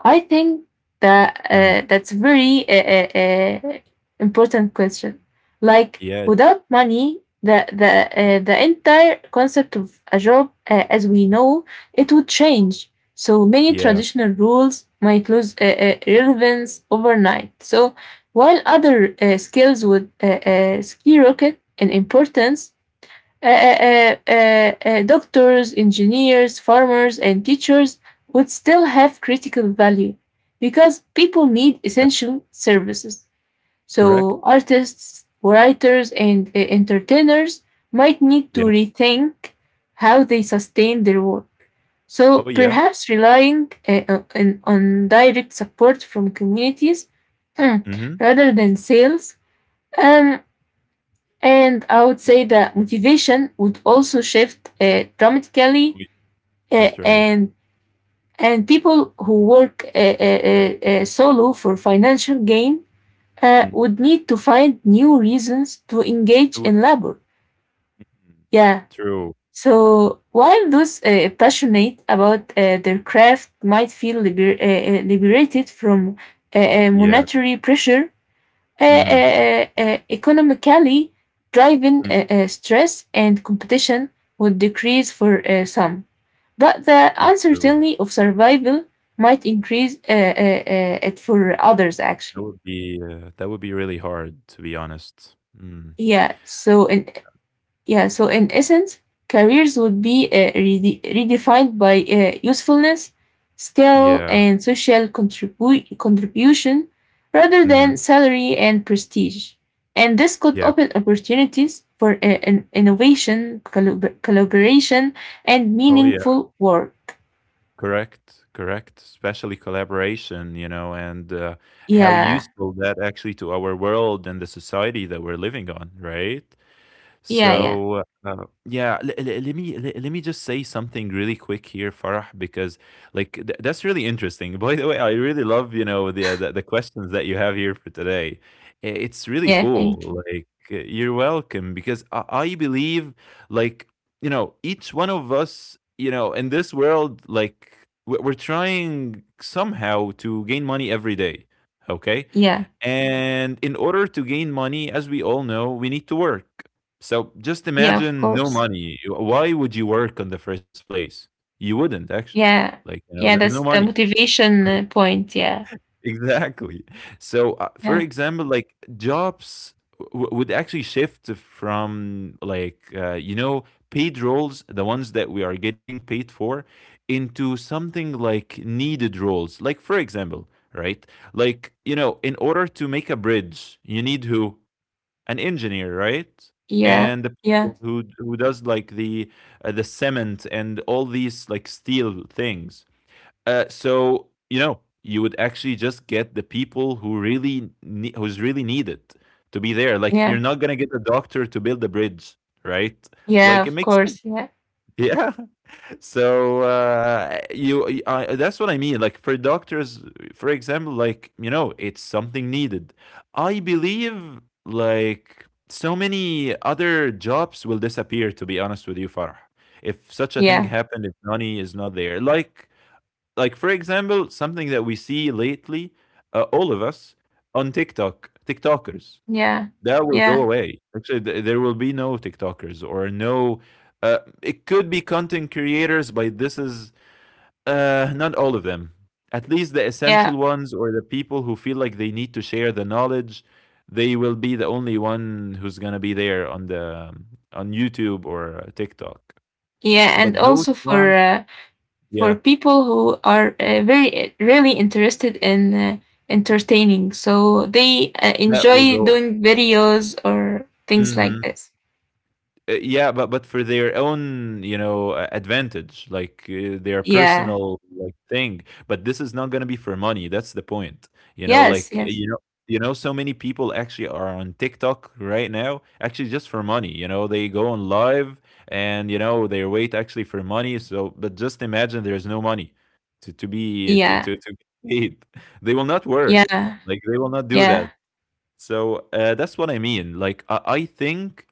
[SPEAKER 1] I think that
[SPEAKER 2] Mm.
[SPEAKER 1] uh, that's very uh, uh, uh, important question. Like,
[SPEAKER 2] Yeah,
[SPEAKER 1] without money, the the uh, the entire concept of a job uh, as we know it would change. So many
[SPEAKER 2] yeah,
[SPEAKER 1] traditional rules might lose uh, uh, relevance overnight. So while other uh, skills would uh, uh, skyrocket in importance, uh, uh, uh, uh, uh, doctors, engineers, farmers, and teachers would still have critical value because people need
[SPEAKER 2] yeah.
[SPEAKER 1] essential services.
[SPEAKER 2] Correct.
[SPEAKER 1] So, artists, writers, and uh, entertainers might need to
[SPEAKER 2] Yeah.
[SPEAKER 1] rethink how they sustain their work. So,
[SPEAKER 2] Oh, yeah.
[SPEAKER 1] perhaps relying uh, uh, on, on direct support from communities
[SPEAKER 2] Mhm.
[SPEAKER 1] rather than sales, um, and I would say that motivation would also shift uh, dramatically,
[SPEAKER 2] We
[SPEAKER 1] uh,
[SPEAKER 2] that's right.
[SPEAKER 1] and and people who work uh, uh, uh, uh, solo for financial gain uh,
[SPEAKER 2] Mhm.
[SPEAKER 1] would need to find new reasons to
[SPEAKER 2] It
[SPEAKER 1] engage
[SPEAKER 2] would
[SPEAKER 1] in labor.
[SPEAKER 2] mhm.
[SPEAKER 1] Yeah.
[SPEAKER 2] True.
[SPEAKER 1] So while those uh, passionate about uh, their craft might feel liber- uh, uh, liberated from uh, uh,
[SPEAKER 2] Yeah.
[SPEAKER 1] monetary pressure, uh,
[SPEAKER 2] Mhm.
[SPEAKER 1] uh, uh, economically driving
[SPEAKER 2] Mm.
[SPEAKER 1] uh, uh, stress and competition would decrease for uh, some, but the
[SPEAKER 2] Yeah, true.
[SPEAKER 1] uncertainty of survival might increase uh, uh, uh, it for others,
[SPEAKER 2] That
[SPEAKER 1] actually.
[SPEAKER 2] would be, uh, that would be really hard, to be honest. Mm.
[SPEAKER 1] Yeah, so in, Yeah, so in essence, careers would be uh, rede- redefined by uh, usefulness, skill,
[SPEAKER 2] Yeah.
[SPEAKER 1] and social contribu- contribution rather than
[SPEAKER 2] Mhm.
[SPEAKER 1] salary and prestige. And this could
[SPEAKER 2] Yeah.
[SPEAKER 1] open opportunities for uh, in- innovation, collab- collaboration, and
[SPEAKER 2] Oh, yeah.
[SPEAKER 1] meaningful work.
[SPEAKER 2] Correct. Correct. Especially collaboration, you know, and, uh, how
[SPEAKER 1] Yeah,
[SPEAKER 2] useful that actually to our world and the society that we're living on, right?
[SPEAKER 1] yeah, yeah,
[SPEAKER 2] So uh, yeah, l- l- let me le- let me just say something really quick here, Farah, because like th- that's really interesting. By the way, I really love you know the, uh, the the questions that you have here for today. I- It's really
[SPEAKER 1] yeah,
[SPEAKER 2] cool.
[SPEAKER 1] thank
[SPEAKER 2] Like uh, you're welcome because I, I believe like you know each one of us you know in this world, like we- we're trying somehow to gain money every day. Okay,
[SPEAKER 1] yeah,
[SPEAKER 2] and in order to gain money, as we all know, we need to work. So just
[SPEAKER 1] yeah, of
[SPEAKER 2] imagine no
[SPEAKER 1] course.
[SPEAKER 2] money. You- Why would you work in the first place? You wouldn't actually.
[SPEAKER 1] Yeah,
[SPEAKER 2] Like, you know,
[SPEAKER 1] yeah,
[SPEAKER 2] there's no
[SPEAKER 1] that's
[SPEAKER 2] money.
[SPEAKER 1] the motivation
[SPEAKER 2] Like,
[SPEAKER 1] uh, point. Yeah,
[SPEAKER 2] exactly. So, uh, for
[SPEAKER 1] yeah,
[SPEAKER 2] example, like jobs w- would actually shift from like, uh, you know, paid roles, the ones that we are getting paid for, into something like needed roles. Like, for example, right? Like, you know, in order to make a bridge, you need who? An engineer, right?
[SPEAKER 1] yeah,
[SPEAKER 2] And the
[SPEAKER 1] yeah,
[SPEAKER 2] people who who does like the uh, the cement and all these like steel things. Uh, so you know you would actually just get the people who really ne- who's really needed to be there. Like you're
[SPEAKER 1] yeah.
[SPEAKER 2] not gonna get a doctor to build a bridge, right?
[SPEAKER 1] Yeah,
[SPEAKER 2] Like it
[SPEAKER 1] of
[SPEAKER 2] makes sense.
[SPEAKER 1] course. Yeah,
[SPEAKER 2] Yeah, so uh, you I, that's what I mean, like for doctors for example, like you know it's something needed. I believe like so many other jobs will disappear, to be honest with you, Farah, if such a thing
[SPEAKER 1] yeah,
[SPEAKER 2] happened, if money is not there like. Like for example, something that we see lately, uh, all of us, on TikTok, TikTokers,
[SPEAKER 1] yeah,
[SPEAKER 2] that will go
[SPEAKER 1] yeah,
[SPEAKER 2] away. Actually, th- there will be no TikTokers or no. Uh, it could be content creators, but this is uh, not all of them. At least the essential
[SPEAKER 1] yeah,
[SPEAKER 2] ones or the people who feel like they need to share the knowledge, they will be the only one who's gonna be there on the um, on YouTube or uh, TikTok.
[SPEAKER 1] yeah. And
[SPEAKER 2] But those
[SPEAKER 1] also for
[SPEAKER 2] ones,
[SPEAKER 1] uh,
[SPEAKER 2] yeah,
[SPEAKER 1] for people who are uh, very, uh, really interested in uh, entertaining, so they uh,
[SPEAKER 2] that will
[SPEAKER 1] enjoy
[SPEAKER 2] go.
[SPEAKER 1] doing videos or things like
[SPEAKER 2] Mhm.
[SPEAKER 1] this.
[SPEAKER 2] Uh, yeah, but but for their own, you know, uh, advantage, like uh, their
[SPEAKER 1] Yeah.
[SPEAKER 2] personal like thing. But this is not gonna be for money. That's the point. You know,
[SPEAKER 1] Yes.
[SPEAKER 2] like uh,
[SPEAKER 1] Yes.
[SPEAKER 2] you know, you know, so many people actually are on TikTok right now, actually just for money. You know, they go on live and you know they wait actually for money. So, but just imagine there's no money to to be to
[SPEAKER 1] Yeah.
[SPEAKER 2] to, to be paid. They will not work.
[SPEAKER 1] Yeah.
[SPEAKER 2] Like they will not do
[SPEAKER 1] Yeah.
[SPEAKER 2] that. So uh, that's what I mean. Like I, I think,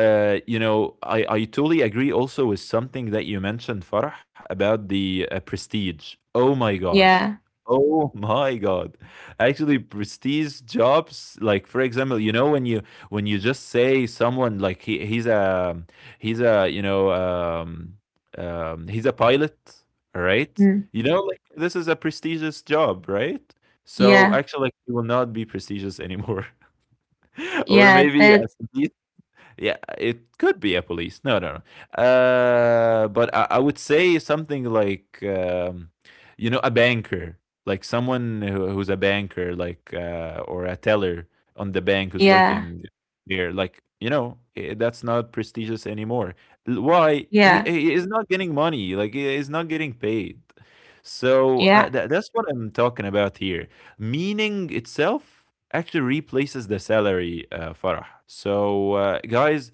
[SPEAKER 2] uh, you know, I I totally agree. Also with something that you mentioned, Farah, about the uh, prestige. Oh my god.
[SPEAKER 1] Yeah.
[SPEAKER 2] Oh my god. Actually, prestige jobs, like for example, you know when you, when you just say someone like he he's a he's a you know um um he's a pilot, all right?
[SPEAKER 1] Mm.
[SPEAKER 2] You know like this is a prestigious job, right? So
[SPEAKER 1] Yeah.
[SPEAKER 2] actually, like, he will not be prestigious anymore. Or
[SPEAKER 1] Yeah.
[SPEAKER 2] maybe at
[SPEAKER 1] That's.
[SPEAKER 2] least, yeah, it could be a police. No, no, no. Uh, but I, I would say something like, um, you know, a banker, like someone who, who's a banker, like uh, or a teller on the bank who's
[SPEAKER 1] Yeah.
[SPEAKER 2] working there. Like, you know, eh, that's not prestigious anymore. L- Why he,
[SPEAKER 1] Yeah.
[SPEAKER 2] he is not getting money? Like, he is not getting paid. So uh,
[SPEAKER 1] Yeah.
[SPEAKER 2] tha- that's what I'm talking about here. Meaning itself actually replaces the salary, uh, Farah. So, uh, guys,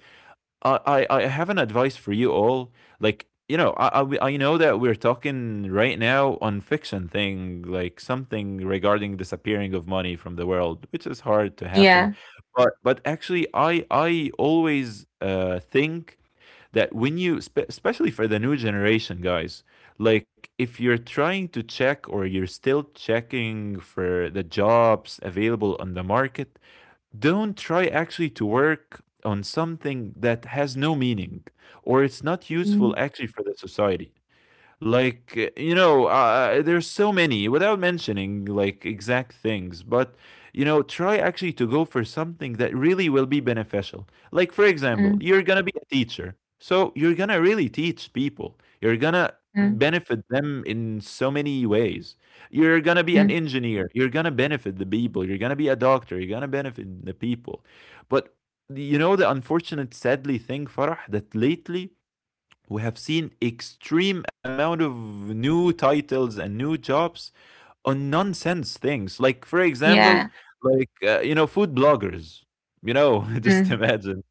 [SPEAKER 2] I, I, I have an advice for you all. Like, you know, I, I, I know that we're talking right now on fiction thing, like something regarding disappearing of money from the world, which is hard to happen.
[SPEAKER 1] Yeah.
[SPEAKER 2] But but actually, I I always uh, think that when you spe- especially for the new generation guys, like if you're trying to check or you're still checking for the jobs available on the market, don't try actually to work on something that has no meaning or it's not
[SPEAKER 1] Mm,
[SPEAKER 2] useful actually for the society. Like you know uh, there's so many without mentioning like exact things, but you know, try actually to go for something that really will be beneficial. Like for example,
[SPEAKER 1] mm,
[SPEAKER 2] you're gonna be a teacher, so you're gonna really teach people, you're gonna
[SPEAKER 1] mm,
[SPEAKER 2] benefit them in so many ways. You're gonna be an
[SPEAKER 1] mm.
[SPEAKER 2] engineer, you're gonna benefit the people. You're gonna be a doctor, you're gonna benefit the people. But you know, the unfortunate sadly thing, Farah, that lately we have seen extreme amount of new titles and new jobs on nonsense things, like for example,
[SPEAKER 1] Yeah.
[SPEAKER 2] like uh, you know, food bloggers. You know, just
[SPEAKER 1] Mm.
[SPEAKER 2] imagine,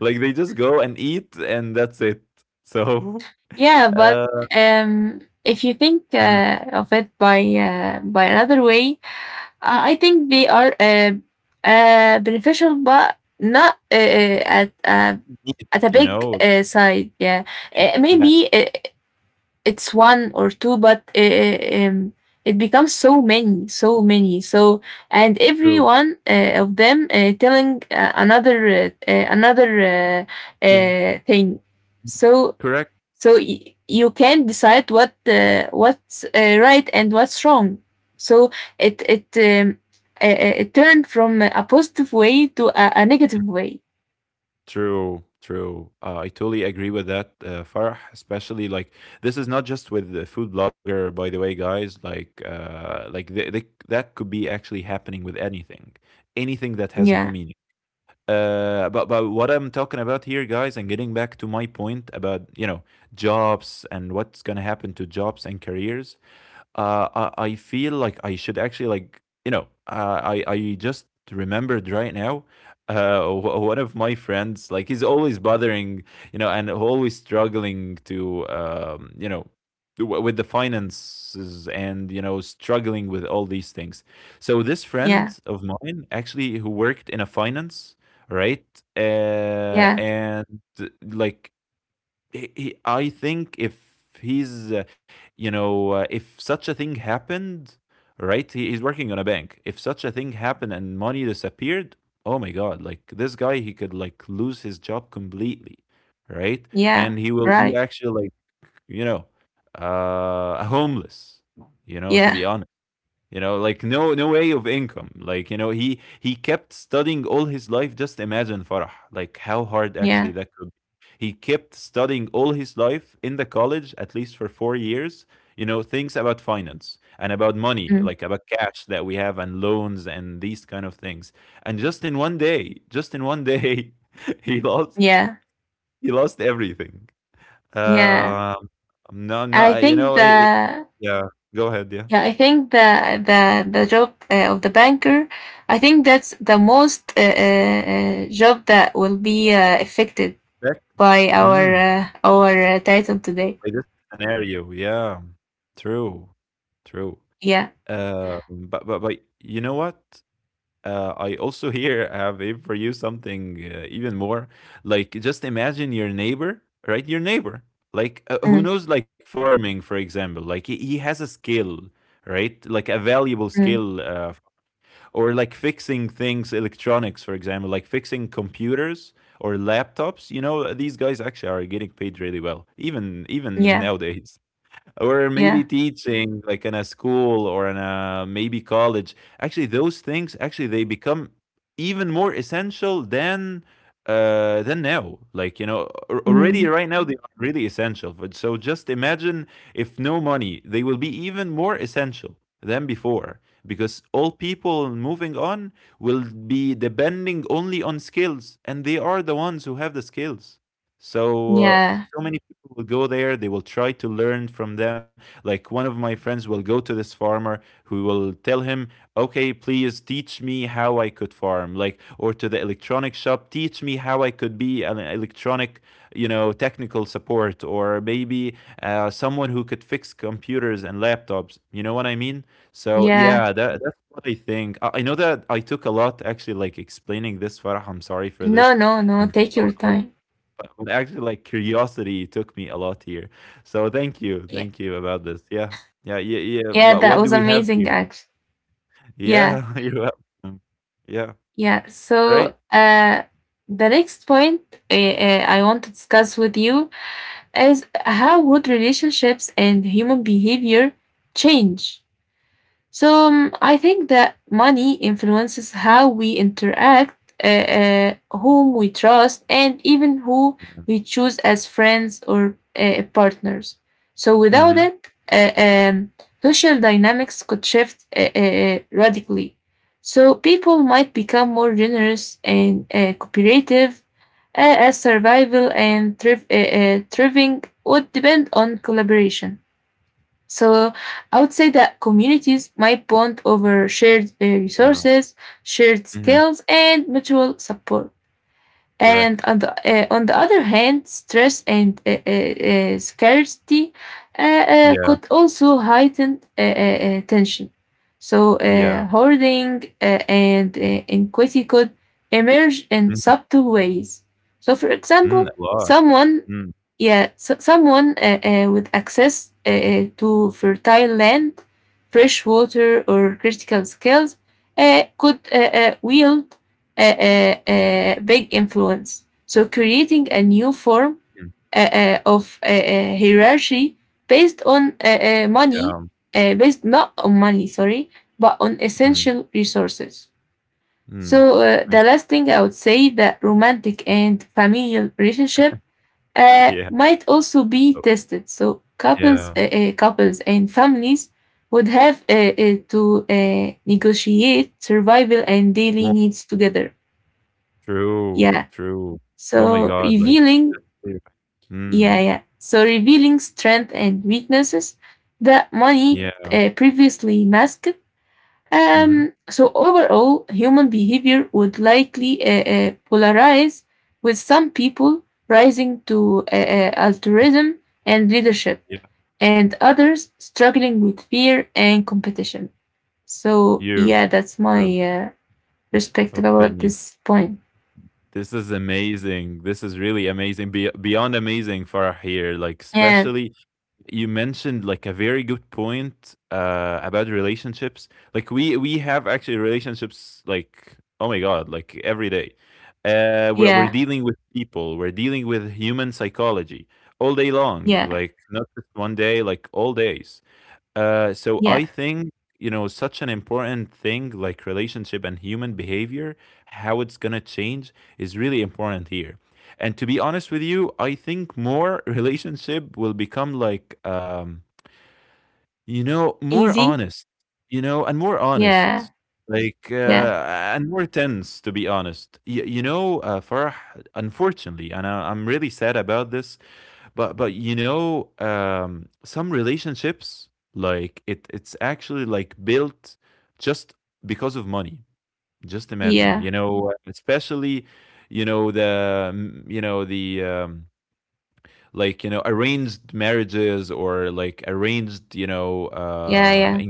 [SPEAKER 2] like they just go and eat and that's it. So
[SPEAKER 1] Yeah, but
[SPEAKER 2] uh,
[SPEAKER 1] um, if you think
[SPEAKER 2] mm,
[SPEAKER 1] uh, of it by uh, by another way, uh, I think they are uh, uh, beneficial, but not uh, uh, at uh, at a
[SPEAKER 2] you
[SPEAKER 1] big
[SPEAKER 2] know,
[SPEAKER 1] uh, side. Yeah, Uh,
[SPEAKER 2] exact,
[SPEAKER 1] maybe uh, it's one or two, but uh, uh, um, it becomes so many, so many. So and every
[SPEAKER 2] true.
[SPEAKER 1] one uh, of them uh, telling uh, another uh, uh, another uh,
[SPEAKER 2] In-
[SPEAKER 1] uh, thing. So
[SPEAKER 2] correct.
[SPEAKER 1] so y- you can decide what uh, what's uh, right and what's wrong. So it it um, uh, uh, it turned from a positive way to a, a negative way.
[SPEAKER 2] True, true. Uh, I totally agree with that, uh, Farah. Especially like this is not just with the food blogger, by the way, guys. Like, uh, like th- th- that could be actually happening with anything, anything that has no
[SPEAKER 1] Yeah,
[SPEAKER 2] meaning. Uh, but but what I'm talking about here, guys, and getting back to my point about, you know, jobs and what's gonna happen to jobs and careers, uh, I, I feel like I should actually, like you know, uh, I I just remembered right now uh, w- one of my friends, like he's always bothering, you know, and always struggling to um, you know, w- with the finances and you know, struggling with all these things. So this
[SPEAKER 1] yeah,
[SPEAKER 2] friend of mine actually, who worked in a finance, right, uh,
[SPEAKER 1] yeah,
[SPEAKER 2] and like he, he, I think if he's, uh, you know, uh, if such a thing happened, right? He, he's working on a bank. If such a thing happened and money disappeared, oh my God, like this guy, he could like lose his job completely, right?
[SPEAKER 1] yeah,
[SPEAKER 2] And he will be
[SPEAKER 1] right,
[SPEAKER 2] actually like, you know, uh, homeless, you know, to
[SPEAKER 1] yeah,
[SPEAKER 2] be honest. You know, like no no way of income, like you know, he he kept studying all his life. Just imagine, Farah, like how hard actually
[SPEAKER 1] yeah,
[SPEAKER 2] that could be. He kept studying all his life in the college at least for four years, you know, things about finance and about money,
[SPEAKER 1] mm,
[SPEAKER 2] like about cash that we have and loans and these kind of things. And just in one day, just in one day, he lost,
[SPEAKER 1] yeah,
[SPEAKER 2] he lost everything.
[SPEAKER 1] yeah.
[SPEAKER 2] um no
[SPEAKER 1] I
[SPEAKER 2] no, you
[SPEAKER 1] think
[SPEAKER 2] know, he-
[SPEAKER 1] the
[SPEAKER 2] yeah, go ahead, yeah.
[SPEAKER 1] Yeah. I think the the the job uh, of the banker. I think that's the most uh, uh, uh, job that will be uh, affected
[SPEAKER 2] Back-
[SPEAKER 1] by our
[SPEAKER 2] hmm,
[SPEAKER 1] uh, our uh, title today.
[SPEAKER 2] by this scenario. Yeah, true, true.
[SPEAKER 1] Yeah.
[SPEAKER 2] Uh, but but but you know what? Uh, I also here have a- for you something uh, even more. Like just imagine your neighbor, right? Your neighbor, like uh, who
[SPEAKER 1] Mm,
[SPEAKER 2] knows, like farming, for example. Like he, he has a skill, right? Like a valuable
[SPEAKER 1] mm.
[SPEAKER 2] skill, uh, or like fixing things, electronics, for example, like fixing computers or laptops. You know, these guys actually are getting paid really well, even even
[SPEAKER 1] Yeah.
[SPEAKER 2] nowadays, or maybe
[SPEAKER 1] Yeah.
[SPEAKER 2] teaching like in a school or in a maybe college. Actually those things actually, they become even more essential than uh than now. Like, you know, al- already
[SPEAKER 1] Mm.
[SPEAKER 2] right now they are really essential, but so just imagine if no money, they will be even more essential than before, because all people moving on will be depending only on skills, and they are the ones who have the skills. So uh,
[SPEAKER 1] Yeah.
[SPEAKER 2] so many people will go there, they will try to learn from them. Like one of my friends will go to this farmer who will tell him, okay, please teach me how I could farm, like, or to the electronic shop, teach me how I could be an electronic, you know, technical support, or maybe uh, someone who could fix computers and laptops, you know what I mean? So
[SPEAKER 1] Yeah.
[SPEAKER 2] yeah, that, that's what I think. i, I know that I took a lot actually, like explaining this, Farah. I'm sorry for this
[SPEAKER 1] No, no, no.
[SPEAKER 2] and
[SPEAKER 1] Take your
[SPEAKER 2] our.
[SPEAKER 1] time.
[SPEAKER 2] But but actually, like, curiosity took me a lot here. So thank you,
[SPEAKER 1] Yeah.
[SPEAKER 2] thank you about this. Yeah, yeah, yeah, yeah.
[SPEAKER 1] Yeah,
[SPEAKER 2] What
[SPEAKER 1] that
[SPEAKER 2] what do
[SPEAKER 1] was
[SPEAKER 2] we have
[SPEAKER 1] amazing
[SPEAKER 2] here?
[SPEAKER 1] actually. Yeah.
[SPEAKER 2] Yeah, you're welcome. Yeah,
[SPEAKER 1] Yeah.
[SPEAKER 2] right.
[SPEAKER 1] So, uh the next point uh, uh, I want to discuss with you is how would relationships and human behavior change. So um, I think that money influences how we interact, uh, uh, whom we trust, and even who we
[SPEAKER 2] Yeah.
[SPEAKER 1] choose as friends or uh, partners. So without
[SPEAKER 2] Mm-hmm.
[SPEAKER 1] it, uh, um, social dynamics could shift uh, uh, uh, radically. So people might become more generous and uh, cooperative, uh, as survival and thriv- uh, uh, thriving would depend on collaboration. So I would say that communities might bond over shared uh,
[SPEAKER 2] Yeah.
[SPEAKER 1] resources, shared
[SPEAKER 2] Mm-hmm.
[SPEAKER 1] skills, and mutual support. And
[SPEAKER 2] Correct.
[SPEAKER 1] on the, uh, on the other hand, stress and uh, uh, uh, scarcity uh, uh,
[SPEAKER 2] Yeah.
[SPEAKER 1] could also heighten uh, uh, uh, tension. So,
[SPEAKER 2] Yeah.
[SPEAKER 1] uh, hoarding uh, and uh, inequity could emerge in
[SPEAKER 2] Mm-hmm.
[SPEAKER 1] subtle ways. So, for
[SPEAKER 2] Mm,
[SPEAKER 1] example,
[SPEAKER 2] a lot.
[SPEAKER 1] someone,
[SPEAKER 2] Mm-hmm.
[SPEAKER 1] yeah, so someone uh, uh, with access uh, uh, to fertile land, fresh water, or critical skills uh, could uh, uh, wield a, a, a big influence. So creating a new form uh, uh, of uh, uh, hierarchy based on uh, uh,
[SPEAKER 2] Yeah.
[SPEAKER 1] money, uh, based not on money, sorry, but on essential resources.
[SPEAKER 2] Mm-hmm.
[SPEAKER 1] So uh, the
[SPEAKER 2] Nice.
[SPEAKER 1] last thing I would say that romantic and familial relationship uh,
[SPEAKER 2] Yeah.
[SPEAKER 1] might also be
[SPEAKER 2] Oh,
[SPEAKER 1] tested. So couples,
[SPEAKER 2] yeah.
[SPEAKER 1] uh, uh, couples and families would have uh, uh, to uh, negotiate survival and daily
[SPEAKER 2] Well,
[SPEAKER 1] needs together.
[SPEAKER 2] true.
[SPEAKER 1] Yeah,
[SPEAKER 2] True. Oh my
[SPEAKER 1] so
[SPEAKER 2] God. Like.
[SPEAKER 1] revealing,
[SPEAKER 2] Yeah.
[SPEAKER 1] yeah,
[SPEAKER 2] Mm.
[SPEAKER 1] yeah. So revealing strength and weaknesses that money
[SPEAKER 2] Yeah.
[SPEAKER 1] uh, previously masked.
[SPEAKER 2] Mm-hmm.
[SPEAKER 1] Um, so overall, human behavior would likely uh, uh, polarize, with some people rising to uh, uh, altruism and leadership,
[SPEAKER 2] Yeah.
[SPEAKER 1] and others struggling with fear and competition. So
[SPEAKER 2] You.
[SPEAKER 1] yeah, that's my
[SPEAKER 2] True.
[SPEAKER 1] uh, perspective about
[SPEAKER 2] Opinion.
[SPEAKER 1] this point.
[SPEAKER 2] This is amazing. This is really amazing. Be- beyond amazing, Farah here. Like,
[SPEAKER 1] And
[SPEAKER 2] especially you mentioned like a very good point uh, about relationships. Like, we we have actually relationships. Like, oh my god, like every day. Uh, we're we're
[SPEAKER 1] yeah,
[SPEAKER 2] dealing with people. We're dealing with human psychology all day long.
[SPEAKER 1] yeah,
[SPEAKER 2] Like, not just one day. Like all days. Uh, so
[SPEAKER 1] yeah,
[SPEAKER 2] I think, you know, such an important thing like relationship and human behavior, how it's gonna change is really important here. And to be honest with you, I think more relationship will become like, um, you know,
[SPEAKER 1] yeah.
[SPEAKER 2] more
[SPEAKER 1] Easy.
[SPEAKER 2] honest, you know, and more
[SPEAKER 1] Yeah,
[SPEAKER 2] honest, like,
[SPEAKER 1] yeah,
[SPEAKER 2] uh, and more tense, to be honest. Y- you know, uh, Farah, unfortunately, and I- I'm really sad about this, but but you know, um, some relationships, like it it's actually like built just because of money. Just imagine,
[SPEAKER 1] yeah,
[SPEAKER 2] you know, especially you know the mm, you know the um, like you know, arranged marriages or like arranged, you know,
[SPEAKER 1] yeah,
[SPEAKER 2] uh,
[SPEAKER 1] yeah.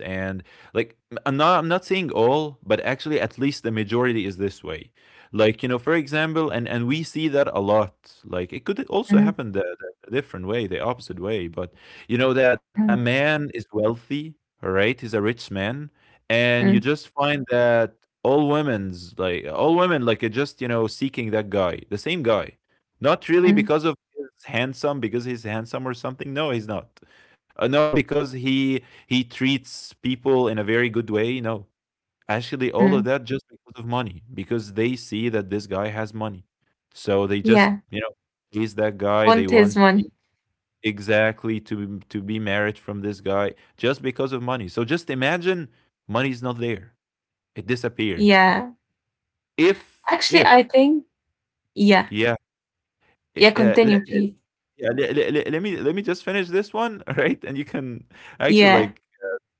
[SPEAKER 2] and like i I'm not, I'm not saying all, but actually at least the majority is this way. Like you know, for example, and and we see that a lot. Like it could also
[SPEAKER 1] Mm,
[SPEAKER 2] happen the, the different way, the opposite way. But you know, that a
[SPEAKER 1] mm,
[SPEAKER 2] man is wealthy, all right? He's a rich man, and you
[SPEAKER 1] mm,
[SPEAKER 2] just find that all women's, like all women like are just, you know, seeking that guy, the same guy. Not really
[SPEAKER 1] mm,
[SPEAKER 2] because of he's handsome, because he's handsome or something. No, he's not. Uh, not because he he treats people in a very good way, you know. Actually, all of
[SPEAKER 1] mm.
[SPEAKER 2] that just because of money, because they see that this guy has money. So they just,
[SPEAKER 1] Yeah,
[SPEAKER 2] you know, he's that guy they
[SPEAKER 1] want his
[SPEAKER 2] want to
[SPEAKER 1] money.
[SPEAKER 2] be, exactly, to be- to be married from this guy just because of money. So just imagine money's not there. It disappeared.
[SPEAKER 1] Yeah.
[SPEAKER 2] If
[SPEAKER 1] Actually,
[SPEAKER 2] if
[SPEAKER 1] I think, yeah,
[SPEAKER 2] yeah, i-
[SPEAKER 1] yeah,
[SPEAKER 2] uh, le-
[SPEAKER 1] continue,
[SPEAKER 2] le-
[SPEAKER 1] please.
[SPEAKER 2] yeah, le- le- le- let me, let me just finish this one, all right? And you can actually,
[SPEAKER 1] Yeah,
[SPEAKER 2] like,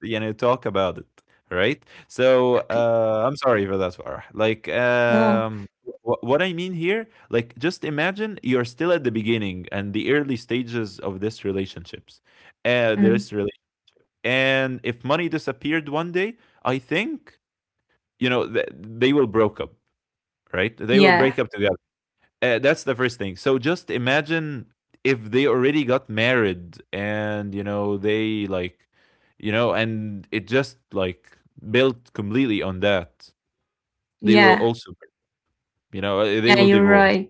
[SPEAKER 2] you know, talk about it, right? So,
[SPEAKER 1] okay.
[SPEAKER 2] uh, I'm sorry for that, Farah. Like,
[SPEAKER 1] No,
[SPEAKER 2] um, wh- what I mean here, like, just imagine you're still at the beginning and the early stages of this relationships, uh,
[SPEAKER 1] mm,
[SPEAKER 2] this relation. And if money disappeared one day, I think, you know, th- they will broke up, right? They will
[SPEAKER 1] yeah,
[SPEAKER 2] break up together. Uh, that's the first thing. So just imagine if they already got married, and you know they like, you know, and it just like built completely on that, they will
[SPEAKER 1] yeah,
[SPEAKER 2] also, you know, uh, they
[SPEAKER 1] yeah,
[SPEAKER 2] will
[SPEAKER 1] you're
[SPEAKER 2] divorce.
[SPEAKER 1] right.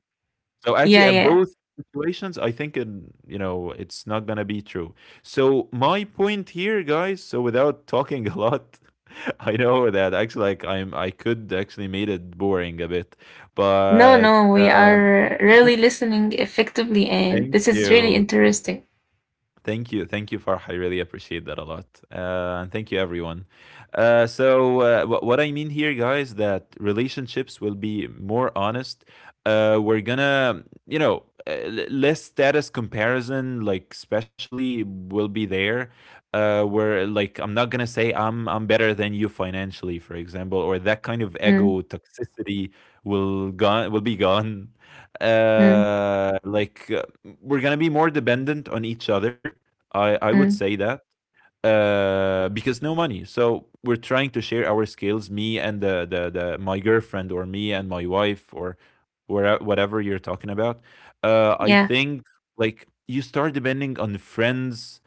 [SPEAKER 2] So actually
[SPEAKER 1] Yeah,
[SPEAKER 2] at
[SPEAKER 1] yeah.
[SPEAKER 2] both situations, I think in, you know, it's not gonna be true. So my point here, guys, so without talking a lot, I know that actually, like, i'm I could actually made it boring a bit,
[SPEAKER 1] No,
[SPEAKER 2] but
[SPEAKER 1] no, we
[SPEAKER 2] uh
[SPEAKER 1] are really listening effectively, and
[SPEAKER 2] thank
[SPEAKER 1] this is really
[SPEAKER 2] you.
[SPEAKER 1] interesting.
[SPEAKER 2] Thank you. Thank you, Farah. I really appreciate that a lot. Uh, and thank you, everyone. Uh, so, uh, wh- what I mean here, guys, that relationships will be more honest. Uh, we're gonna, you know, uh, l- less status comparison, like, especially will be there. Uh, where, like, I'm not gonna say I'm I'm better than you financially, for example, or that kind of ego
[SPEAKER 1] Mm,
[SPEAKER 2] toxicity will gone will be gone.
[SPEAKER 1] mm,
[SPEAKER 2] Uh, like uh, we're gonna be more dependent on each other. I I would
[SPEAKER 1] mm.
[SPEAKER 2] say that uh, because no money. So we're trying to share our skills. Me and the the, the, my girlfriend, or me and my wife, or where, whatever you're talking about. Uh, I
[SPEAKER 1] Yeah,
[SPEAKER 2] think like you start depending on friends.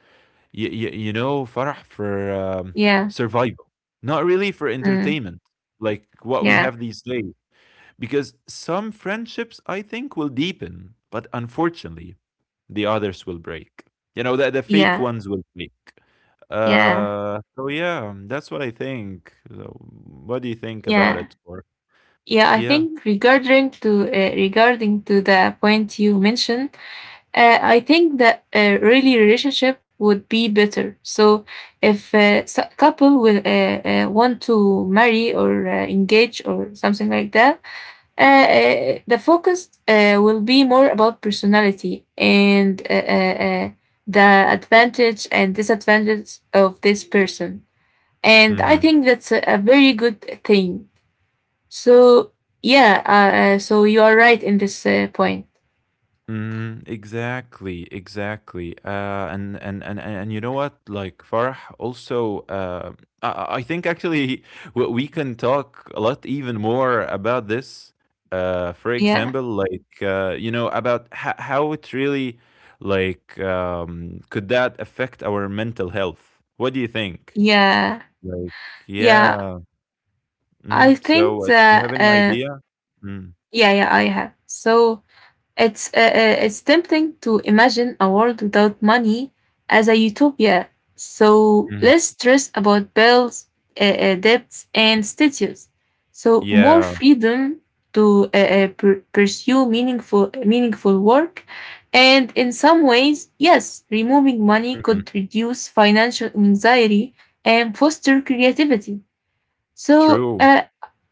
[SPEAKER 2] You you, you know, Farah, for um,
[SPEAKER 1] yeah,
[SPEAKER 2] survival, not really for
[SPEAKER 1] mm,
[SPEAKER 2] entertainment. Like what we
[SPEAKER 1] yeah,
[SPEAKER 2] have these days, because some friendships, I think, will deepen, but unfortunately, the others will break. You know, the the fake
[SPEAKER 1] yeah,
[SPEAKER 2] ones will break.
[SPEAKER 1] yeah,
[SPEAKER 2] Uh, so yeah, that's what I think. So, what do you think about
[SPEAKER 1] yeah.
[SPEAKER 2] it? Or
[SPEAKER 1] Yeah, I
[SPEAKER 2] yeah.
[SPEAKER 1] think regarding to uh, regarding to the point you mentioned, uh, I think that a really relationship would be better. So if a s- couple will uh, uh, want to marry or uh, engage or something like that, uh, uh, the focus uh, will be more about personality and uh, uh, uh, the advantage and disadvantage of this person. And I
[SPEAKER 2] Hmm.
[SPEAKER 1] think that's a, a very good thing. So yeah, uh, uh, so you are right in this uh, point.
[SPEAKER 2] Mm, exactly, exactly. Uh, and, and and and and you know what? Like Farah also, uh, I, I I think, actually, we, we can talk a lot even more about this. Uh, for
[SPEAKER 1] Yeah,
[SPEAKER 2] example, like uh, you know, about ho- how it really, like, um, could that affect our mental health? What do you think?
[SPEAKER 1] yeah,
[SPEAKER 2] Like,
[SPEAKER 1] yeah.
[SPEAKER 2] yeah. Hmm.
[SPEAKER 1] I think
[SPEAKER 2] So, uh, do you have
[SPEAKER 1] that
[SPEAKER 2] any
[SPEAKER 1] uh,
[SPEAKER 2] idea? Mm-hmm.
[SPEAKER 1] yeah, yeah, I have. So It's uh, uh, it's tempting to imagine a world without money as a utopia. So less stress about bills, uh, uh, debts, and status. So more
[SPEAKER 2] Yeah.
[SPEAKER 1] freedom to uh, uh, pur- pursue meaningful meaningful work. And in some ways, yes, removing money
[SPEAKER 2] Hmm.
[SPEAKER 1] could reduce financial anxiety and foster creativity. So
[SPEAKER 2] True.
[SPEAKER 1] uh,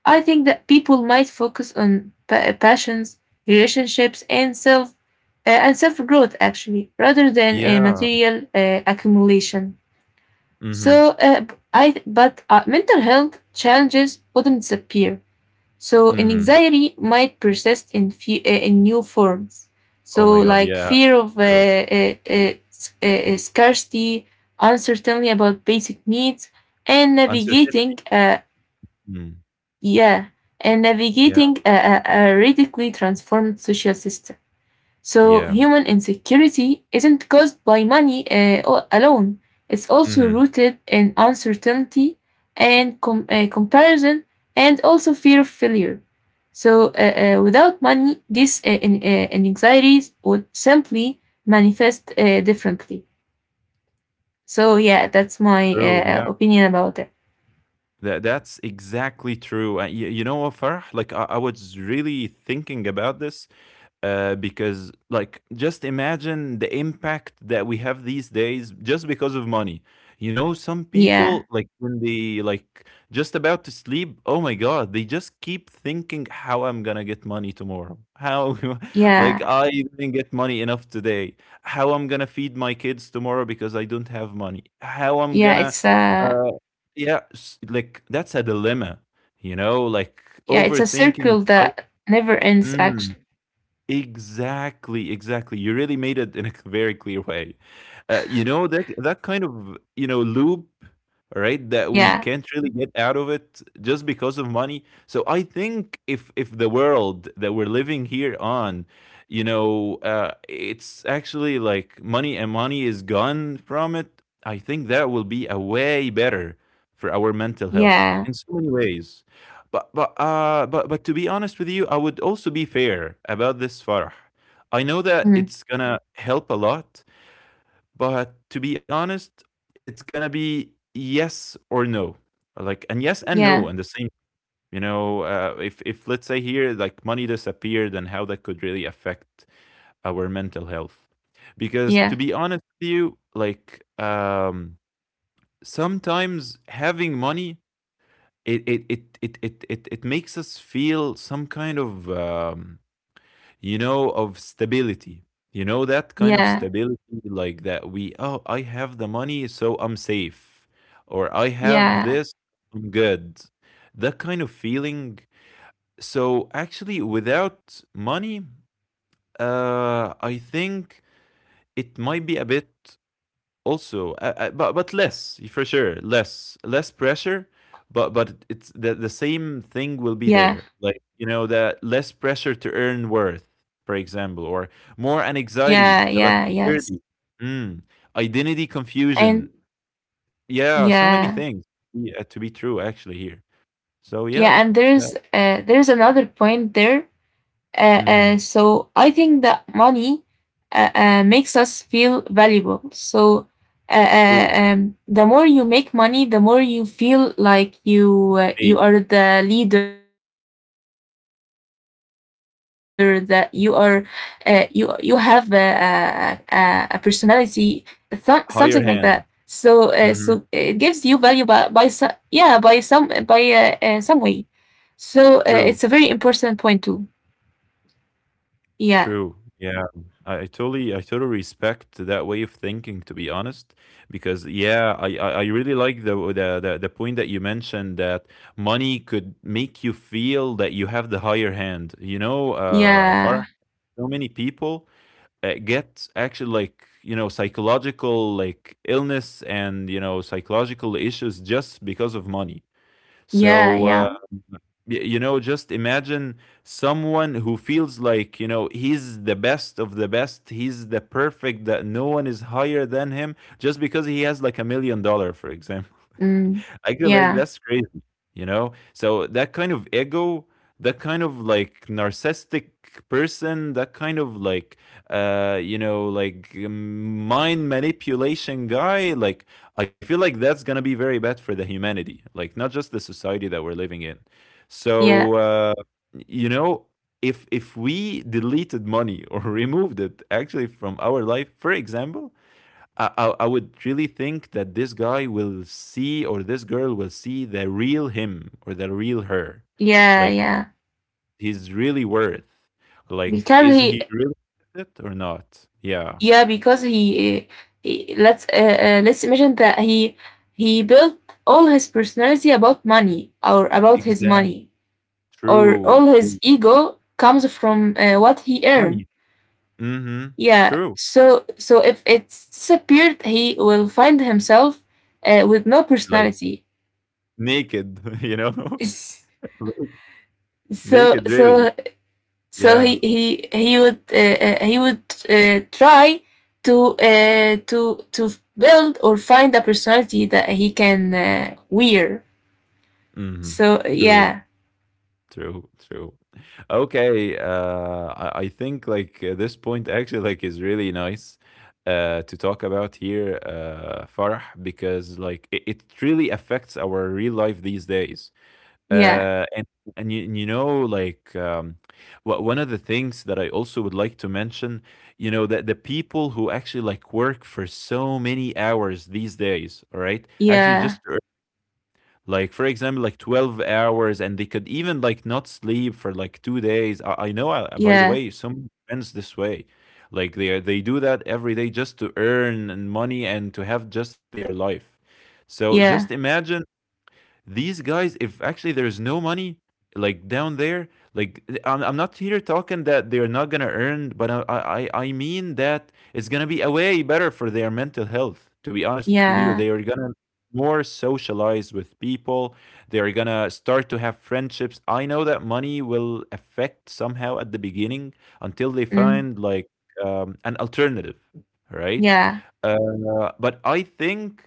[SPEAKER 1] I think that people might focus on pa- passions, relationships, and self uh, and self growth actually, rather than uh,
[SPEAKER 2] Yeah.
[SPEAKER 1] material uh, accumulation.
[SPEAKER 2] Mm-hmm.
[SPEAKER 1] So, uh, b- I th- but uh, mental health challenges wouldn't disappear. So,
[SPEAKER 2] Mhm.
[SPEAKER 1] anxiety might persist in fe- uh, in new forms.
[SPEAKER 2] Oh
[SPEAKER 1] So,
[SPEAKER 2] my god,
[SPEAKER 1] like
[SPEAKER 2] yeah,
[SPEAKER 1] fear of uh,
[SPEAKER 2] true.
[SPEAKER 1] uh, uh, s- uh, uh, scarcity, uncertainty about basic needs, and
[SPEAKER 2] Uncertainty.
[SPEAKER 1] navigating uh,
[SPEAKER 2] Mm,
[SPEAKER 1] yeah, and
[SPEAKER 2] yeah,
[SPEAKER 1] navigating a, a, a radically transformed social system. So,
[SPEAKER 2] yeah.
[SPEAKER 1] human insecurity isn't caused by money uh, al- alone, it's also
[SPEAKER 2] Mhm.
[SPEAKER 1] rooted in uncertainty and com- uh, comparison and also fear of failure. So, uh, uh, without money, these uh, in, uh, anxieties would simply manifest uh, differently. So yeah, that's my
[SPEAKER 2] True, yeah.
[SPEAKER 1] uh, opinion about it.
[SPEAKER 2] That that's exactly true. Uh, you, you know what, Farah? Like I, I was really thinking about this uh, because like just imagine the impact that we have these days just because of money, you know, some
[SPEAKER 1] Yeah,
[SPEAKER 2] people like when they like just about to sleep, oh my god, they just keep thinking how I'm gonna get money tomorrow, how like
[SPEAKER 1] yeah,
[SPEAKER 2] I didn't get money enough today, how I'm gonna feed my kids tomorrow because I don't have money, how I'm
[SPEAKER 1] yeah.
[SPEAKER 2] gonna
[SPEAKER 1] It's a
[SPEAKER 2] uh, yeah, s- like that's a dilemma, you know, like
[SPEAKER 1] Yeah, it's a
[SPEAKER 2] overthinking.
[SPEAKER 1] circle that never ends.
[SPEAKER 2] I,
[SPEAKER 1] Actually,
[SPEAKER 2] Exactly, exactly. You really made it in a very clear way. Uh, you know that that kind of, you know, loop, right? That we
[SPEAKER 1] yeah,
[SPEAKER 2] can't really get out of it just because of money. So I think if if the world that we're living here on, you know, uh, it's actually like money and money is gone from it, I think that will be a way better for our mental health
[SPEAKER 1] yeah,
[SPEAKER 2] in so many ways. But but uh but but to be honest with you, I would also be fair about this, Farah. I know that
[SPEAKER 1] mm,
[SPEAKER 2] it's gonna help a lot, but to be honest, it's gonna be yes or no, like, and yes and no,
[SPEAKER 1] yeah,
[SPEAKER 2] and the same. You know, uh, if if let's say here like money disappeared and how that could really affect our mental health, because to
[SPEAKER 1] yeah,
[SPEAKER 2] be honest with you, like um, sometimes having money, it it it it it it, it makes us feel some kind of, um, you know, of stability, you know, that kind of
[SPEAKER 1] yeah,
[SPEAKER 2] stability like that, we, oh I have the money so I'm safe, or I have
[SPEAKER 1] yeah,
[SPEAKER 2] this, I'm good, that kind of feeling. So actually without money, uh I think it might be a bit also, uh, uh, but but less for sure, less, less pressure, but but it's the the
[SPEAKER 1] yeah,
[SPEAKER 2] same thing will be there. Like, you know, the less pressure to earn worth, for example, or more an
[SPEAKER 1] yeah,
[SPEAKER 2] anxiety
[SPEAKER 1] yeah.
[SPEAKER 2] about
[SPEAKER 1] Yes,
[SPEAKER 2] security. Mm, identity
[SPEAKER 1] and
[SPEAKER 2] confusion. Yeah, so many
[SPEAKER 1] yeah,
[SPEAKER 2] things, yeah, to be true actually here. So yeah,
[SPEAKER 1] yeah, and
[SPEAKER 2] that,
[SPEAKER 1] there's uh, there's another point there. Uh,
[SPEAKER 2] hmm,
[SPEAKER 1] uh, so I think that money uh, uh, makes us feel valuable. So uh, uh,
[SPEAKER 2] true.
[SPEAKER 1] um, the more you make money, the more you feel like you uh,
[SPEAKER 2] A
[SPEAKER 1] you are the leader, that you are uh, you you have uh, uh, uh, a personality, th- something like that. So uh, so
[SPEAKER 2] higher
[SPEAKER 1] it
[SPEAKER 2] hand.
[SPEAKER 1] gives you value by
[SPEAKER 2] Hmm,
[SPEAKER 1] by so- yeah, by some by uh, uh, some way. So uh, it's a very
[SPEAKER 2] true.
[SPEAKER 1] important point too. Yeah.
[SPEAKER 2] True. Yeah. I, I totally I totally respect that way of thinking, to be honest, because yeah, I, I, I really like the, the the the point that you mentioned, that money could make you feel that you have the higher hand, you know, uh, far,
[SPEAKER 1] Yeah,
[SPEAKER 2] so many people uh, get actually, like, you know, psychological like illness and, you know, psychological issues just because of money.
[SPEAKER 1] yeah,
[SPEAKER 2] So uh
[SPEAKER 1] yeah,
[SPEAKER 2] Y- you know, just imagine someone who feels like, you know, he's the best of the best, he's the perfect, that no one is higher than him just because he has like a million dollar, for example.
[SPEAKER 1] mm,
[SPEAKER 2] I go like,
[SPEAKER 1] yeah,
[SPEAKER 2] that's crazy, you know? So that kind of ego, that kind of like narcissistic person, that kind of like, uh, you know, like, um, mind manipulation guy, like, I feel like that's going to be very bad for the humanity, like, not just the society that we're living in.
[SPEAKER 1] yeah,
[SPEAKER 2] So, uh, you know, if if we deleted money or removed it actually from our life, for example, I, I, I would really think that this guy will see, or this girl will see, the real him or the real her.
[SPEAKER 1] yeah,
[SPEAKER 2] Like,
[SPEAKER 1] yeah.
[SPEAKER 2] he's really worth. Like,
[SPEAKER 1] Because
[SPEAKER 2] is
[SPEAKER 1] he,
[SPEAKER 2] he really worth it or not? Yeah.
[SPEAKER 1] yeah, because he, uh, he let's uh, uh, let's imagine that he he built all his personality about money or about his
[SPEAKER 2] Exactly.
[SPEAKER 1] money or
[SPEAKER 2] True.
[SPEAKER 1] all his
[SPEAKER 2] True.
[SPEAKER 1] ego comes from uh, what he earned.
[SPEAKER 2] Money. Mm-hmm.
[SPEAKER 1] Yeah.
[SPEAKER 2] True.
[SPEAKER 1] So so if it's disappeared, he will find himself uh, with no
[SPEAKER 2] Like
[SPEAKER 1] personality.
[SPEAKER 2] naked, you know? Like,
[SPEAKER 1] So
[SPEAKER 2] naked really.
[SPEAKER 1] so So he
[SPEAKER 2] Yeah.
[SPEAKER 1] he he would uh, uh, he would uh, try to uh, to to build or find a personality that he can uh, wear.
[SPEAKER 2] Mm-hmm.
[SPEAKER 1] So
[SPEAKER 2] True.
[SPEAKER 1] yeah,
[SPEAKER 2] True, true. Okay, uh, I, I think like, uh, this point actually like is really nice uh, to talk about here, uh, Farah, because like it, it really affects our real life these days.
[SPEAKER 1] yeah,
[SPEAKER 2] Uh, and and you, you know, like, um, wha- one of the things that I also would like to mention, you know, that the people who actually like work for so many hours these days, all right, actually just
[SPEAKER 1] yeah,
[SPEAKER 2] like, for example, like twelve hours, and they could even like not sleep for like two days. i, I know, uh, by the
[SPEAKER 1] yeah,
[SPEAKER 2] way, some friends this way, like they are- they do that every day just to earn and money and to have just their life. So just
[SPEAKER 1] yeah,
[SPEAKER 2] imagine these guys, if actually there's no money like down there, like I'm, I'm not here talking that they're not gonna earn, but I, I I mean that it's gonna be a way better for their mental health. To be honest with you, they
[SPEAKER 1] yeah,
[SPEAKER 2] are gonna more socialize with people. They are gonna start to have friendships. I know that money will affect somehow at the beginning until they
[SPEAKER 1] mm,
[SPEAKER 2] find like, um, an alternative, right?
[SPEAKER 1] yeah,
[SPEAKER 2] Uh, but I think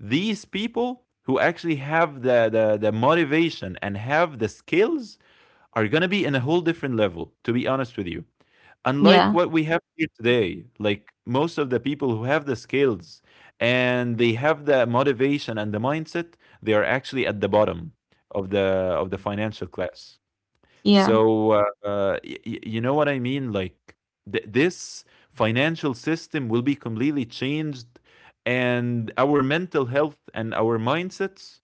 [SPEAKER 2] these people who actually have the, the, the motivation and have the skills are going to be in a whole different level, to be honest with you. Unlike
[SPEAKER 1] yeah,
[SPEAKER 2] what we have here today, like most of the people who have the skills and they have the motivation and the mindset, they are actually at the bottom of the of the financial class.
[SPEAKER 1] yeah,
[SPEAKER 2] So, uh, uh, y y you know what I mean? Like, th this financial system will be completely changed, and our mental health and our mindsets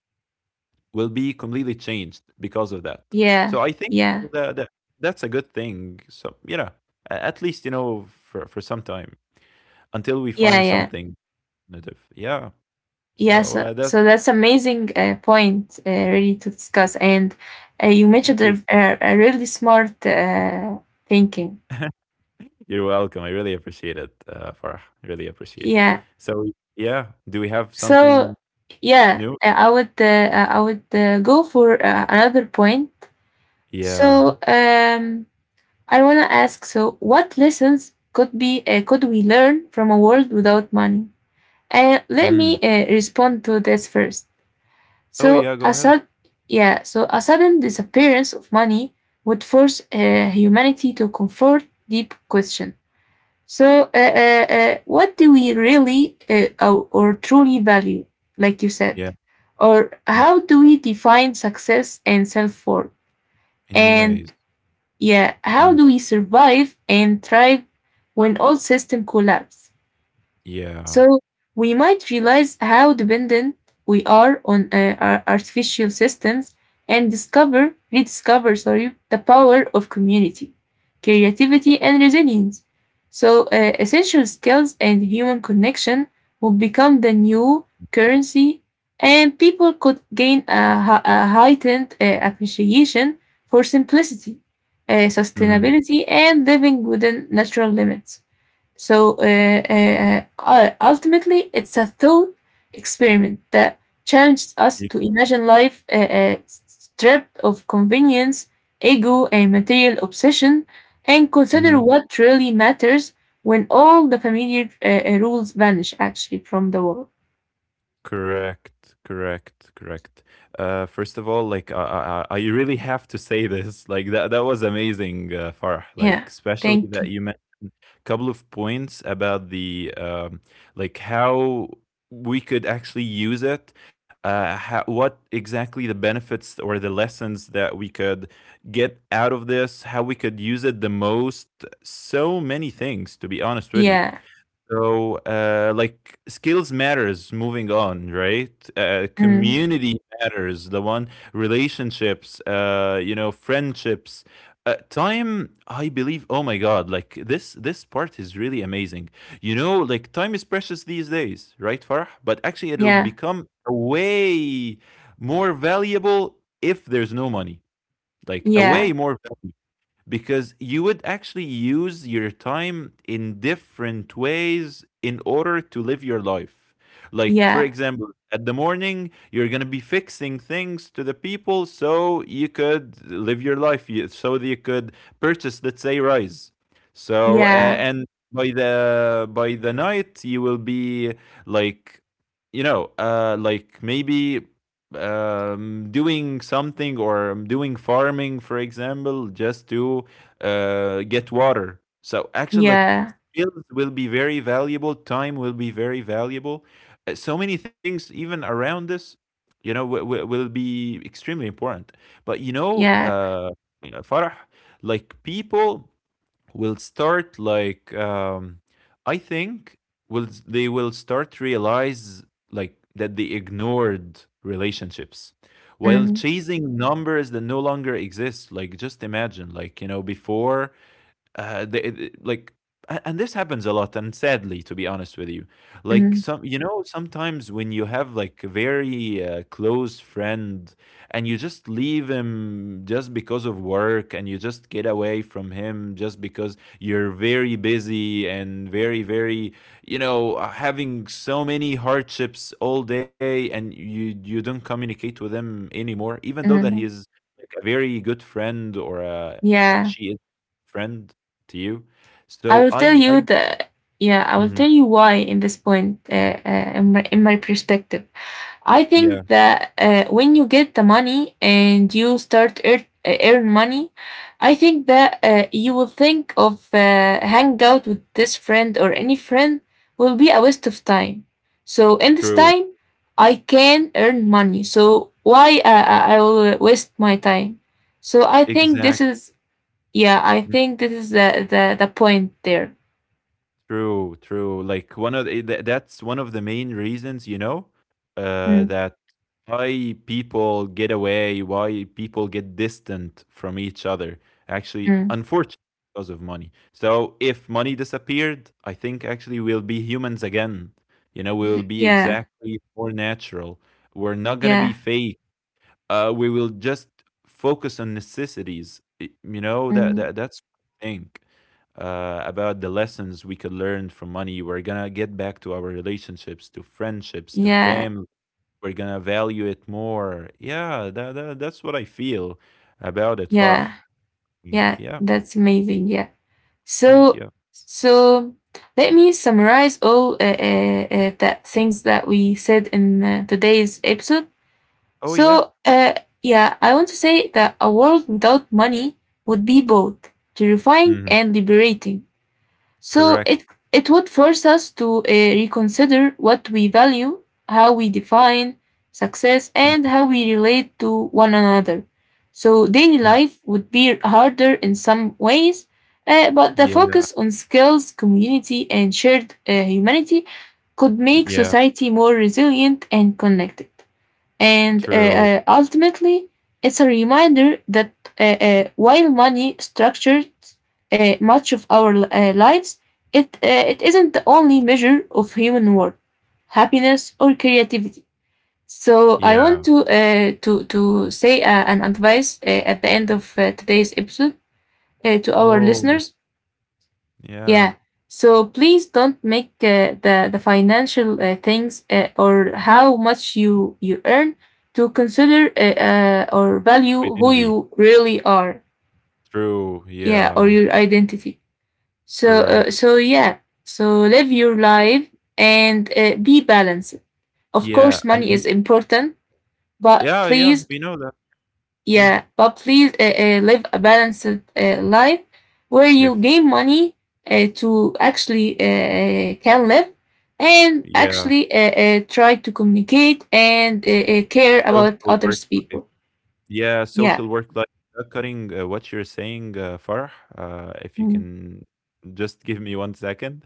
[SPEAKER 2] will be completely changed because of that. So
[SPEAKER 1] yeah,
[SPEAKER 2] I think
[SPEAKER 1] yeah,
[SPEAKER 2] that, that that's a good thing. So, you know, a- at least, you know, for for some time until we
[SPEAKER 1] yeah,
[SPEAKER 2] find
[SPEAKER 1] yeah.
[SPEAKER 2] something native. Yeah. So
[SPEAKER 1] Yeah, so,
[SPEAKER 2] uh, that's
[SPEAKER 1] so that's amazing uh, point uh, really to discuss. And uh, you mentioned
[SPEAKER 2] thank
[SPEAKER 1] a,
[SPEAKER 2] you.
[SPEAKER 1] a, a really smart uh, thinking.
[SPEAKER 2] You're welcome. I really appreciate it, uh, Farah. I really appreciate it.
[SPEAKER 1] Yeah.
[SPEAKER 2] So, yeah, do we have
[SPEAKER 1] So
[SPEAKER 2] something
[SPEAKER 1] yeah,
[SPEAKER 2] new?
[SPEAKER 1] uh, I would uh, uh, I would uh, go for uh, another point.
[SPEAKER 2] Yeah.
[SPEAKER 1] So um, I wanna ask. So what lessons could be uh, could we learn from a world without money? And let me
[SPEAKER 2] Mm.
[SPEAKER 1] uh, respond to this first.
[SPEAKER 2] Oh, yeah,
[SPEAKER 1] So
[SPEAKER 2] go
[SPEAKER 1] a
[SPEAKER 2] ahead.
[SPEAKER 1] sud- yeah, so a sudden disappearance of money would force uh, humanity to confront deep questions. So, uh, uh, uh, what do we really uh, or, or truly value, like you said?
[SPEAKER 2] Yeah,
[SPEAKER 1] Or
[SPEAKER 2] mm,
[SPEAKER 1] how do we define success and self worth?
[SPEAKER 2] in new ways.
[SPEAKER 1] And yeah, how
[SPEAKER 2] Mhm.
[SPEAKER 1] do we survive and thrive when all systems collapse?
[SPEAKER 2] Yeah.
[SPEAKER 1] So we might realize how dependent we are on uh, our artificial systems and discover, rediscover, sorry, the power of community, creativity, and resilience. So uh, essential skills and human connection will become the new currency, and people could gain a, hei- a heightened uh, appreciation for simplicity, uh,
[SPEAKER 2] Mhm.
[SPEAKER 1] sustainability, and living within natural limits. So uh, uh, uh, uh, ultimately, it's a thought experiment that challenges us
[SPEAKER 2] Ye,
[SPEAKER 1] to imagine life uh, uh, stripped of convenience, ego, and material obsession, and consider
[SPEAKER 2] mhm.
[SPEAKER 1] what really matters when all the familiar uh, uh, rules vanish actually from the world.
[SPEAKER 2] Correct, correct, correct. Uh, first of all, like, I I I I really have to say this, like, that that was amazing, uh, Farah, like,
[SPEAKER 1] Yeah,
[SPEAKER 2] especially
[SPEAKER 1] thank
[SPEAKER 2] that
[SPEAKER 1] you.
[SPEAKER 2] you mentioned couple of points about the, um, like how we could actually use it, uh, how, what exactly the benefits or the lessons that we could get out of this, how we could use it the most, so many things, to be honest with you.
[SPEAKER 1] Yeah,
[SPEAKER 2] So, uh, like, skills matters. Moving on, right? Uh,
[SPEAKER 1] mm,
[SPEAKER 2] community matters. The one, relationships, uh, you know, friendships. Uh, time, I believe. Oh my God! Like, this, this part is really amazing. You know, like, time is precious these days, right, Farah? But actually, it'll
[SPEAKER 1] yeah,
[SPEAKER 2] become a way more valuable if there's no money. Like a way
[SPEAKER 1] yeah,
[SPEAKER 2] more valuable, because you would actually use your time in different ways in order to live your life. Like, for
[SPEAKER 1] yeah,
[SPEAKER 2] example, at the morning, you're going to be fixing things to the people so you could live your life, you- so that you could purchase, let's say, rice. So, uh,
[SPEAKER 1] yeah,
[SPEAKER 2] and by the by the night you will be like, you know, uh like maybe, um, doing something or doing farming, for example, just to uh, get water. So actually, like,
[SPEAKER 1] yeah,
[SPEAKER 2] skills will be very valuable. Time will be very valuable. Uh, so many things, even around this, you know, w- w- will be extremely important. But you know,
[SPEAKER 1] yeah.
[SPEAKER 2] uh, Farah, like, people will start like, um, I think will they will start realize like that they ignored relationships while
[SPEAKER 1] Mm,
[SPEAKER 2] chasing numbers that no longer exist. Like, just imagine, like, you know, before uh, they, they- like, a- and this happens a lot, and sadly, to be honest with you, like,
[SPEAKER 1] mm.
[SPEAKER 2] some, you know, sometimes when you have like a very, uh, close friend and you just leave him just because of work, and you just get away from him just because you're very busy and very, very, you know, uh, having so many hardships all day, and you you don't communicate with him anymore, even though that he
[SPEAKER 1] Mm,
[SPEAKER 2] is like a very good friend, or a, a
[SPEAKER 1] yeah,
[SPEAKER 2] she is friend to you.
[SPEAKER 1] I
[SPEAKER 2] So
[SPEAKER 1] will tell
[SPEAKER 2] I
[SPEAKER 1] you
[SPEAKER 2] I.
[SPEAKER 1] the yeah, I will tell
[SPEAKER 2] Mhm.
[SPEAKER 1] you why in this point, uh, uh, in my in my perspective. I
[SPEAKER 2] Yeah,
[SPEAKER 1] think that uh, when you get the money and you start earn, uh, earn money, I think that uh, you will think of uh, hang out with this friend or any friend will be a waste of time. So in this
[SPEAKER 2] true.
[SPEAKER 1] time, I can earn money. So why uh, I I will waste my time? So I think
[SPEAKER 2] Exact,
[SPEAKER 1] this is yeah. I
[SPEAKER 2] mm,
[SPEAKER 1] think this is the the, the point there.
[SPEAKER 2] true, true. Like, one of the tha that's one of the main reasons, you know, uh,
[SPEAKER 1] Mm,
[SPEAKER 2] that why people get away, why people get distant from each other. Actually,
[SPEAKER 1] mm.
[SPEAKER 2] unfortunately, because of money. So if money disappeared, I think actually we'll be humans again. You know, we will be
[SPEAKER 1] Yeah,
[SPEAKER 2] exactly more natural. We're not gonna be
[SPEAKER 1] yeah,
[SPEAKER 2] fake, uh, we will just focus on necessities. Y- You know that
[SPEAKER 1] mm,
[SPEAKER 2] that that's what I think uh, about the lessons we could learn from money. We're gonna get back to our relationships, to friendships, to
[SPEAKER 1] yeah,
[SPEAKER 2] family. We're gonna value it more. Yeah, that, that that's what I feel about it, Farah.
[SPEAKER 1] yeah.
[SPEAKER 2] Uh,
[SPEAKER 1] Yeah,
[SPEAKER 2] Yeah,
[SPEAKER 1] that's amazing. Yeah.
[SPEAKER 2] point.
[SPEAKER 1] So,
[SPEAKER 2] Yeah.
[SPEAKER 1] so let me summarize all uh, uh, uh, that things that we said in uh, today's episode.
[SPEAKER 2] Oh yeah.
[SPEAKER 1] So, uh, yeah, I want to say that a world without money would be both terrifying
[SPEAKER 2] Hmm.
[SPEAKER 1] and liberating. So
[SPEAKER 2] Correct.
[SPEAKER 1] it it would force us to uh, reconsider what we value, how we define success, and
[SPEAKER 2] Mhm,
[SPEAKER 1] how we relate to one another. So daily
[SPEAKER 2] mm.
[SPEAKER 1] life would be harder in some ways, uh, but the
[SPEAKER 2] Yeah.
[SPEAKER 1] focus on skills, community, and shared uh, humanity could make
[SPEAKER 2] Yeah.
[SPEAKER 1] society more resilient and connected. And uh,
[SPEAKER 2] True.
[SPEAKER 1] uh, ultimately, it's a reminder that uh, uh, while money structures uh, much of our uh, lives, it, uh, it isn't the only measure of human worth, happiness, or creativity. So I
[SPEAKER 2] Yeah.
[SPEAKER 1] want to uh, to to say uh, an advice uh, at the end of uh, today's episode uh, to our
[SPEAKER 2] Oh.
[SPEAKER 1] listeners.
[SPEAKER 2] Yeah.
[SPEAKER 1] Yeah. So please don't make uh, the the financial uh, things uh, or how much you you earn to consider uh, uh, or value who
[SPEAKER 2] Identity.
[SPEAKER 1] you really are.
[SPEAKER 2] True.
[SPEAKER 1] Yeah, or
[SPEAKER 2] Yeah.
[SPEAKER 1] your identity. So
[SPEAKER 2] Correct.
[SPEAKER 1] uh, so yeah. So live your life and uh, be balanced. Of
[SPEAKER 2] Yeah,
[SPEAKER 1] course, money is
[SPEAKER 2] and
[SPEAKER 1] important, but
[SPEAKER 2] yeah, yeah,
[SPEAKER 1] please
[SPEAKER 2] we know that. Mm.
[SPEAKER 1] Yeah, but please uh, uh, live a balanced uh, life where you
[SPEAKER 2] If
[SPEAKER 1] gain money uh, to actually uh, uh, can live and
[SPEAKER 2] yeah,
[SPEAKER 1] actually uh, uh, try to communicate and uh, uh, care about
[SPEAKER 2] coastal birds
[SPEAKER 1] others
[SPEAKER 2] life.
[SPEAKER 1] people.
[SPEAKER 2] Yeah, social
[SPEAKER 1] Yeah.
[SPEAKER 2] work life, uh, cutting uh, what you're saying, uh, Farah. Uh, if you
[SPEAKER 1] Mm.
[SPEAKER 2] can just give me one second,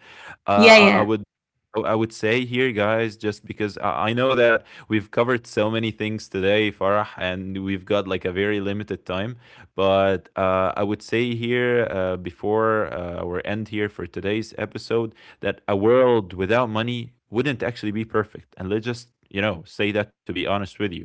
[SPEAKER 1] Yeah,
[SPEAKER 2] uh, I, I
[SPEAKER 1] yeah,
[SPEAKER 2] would. I I would say here, guys, just because I I know that we've covered so many things today, Farah, and we've got like a very limited time. But uh, I would say here, uh, before uh, our end here for today's episode, that a world without money wouldn't actually be perfect. And let's just, you know, say that to be honest with you.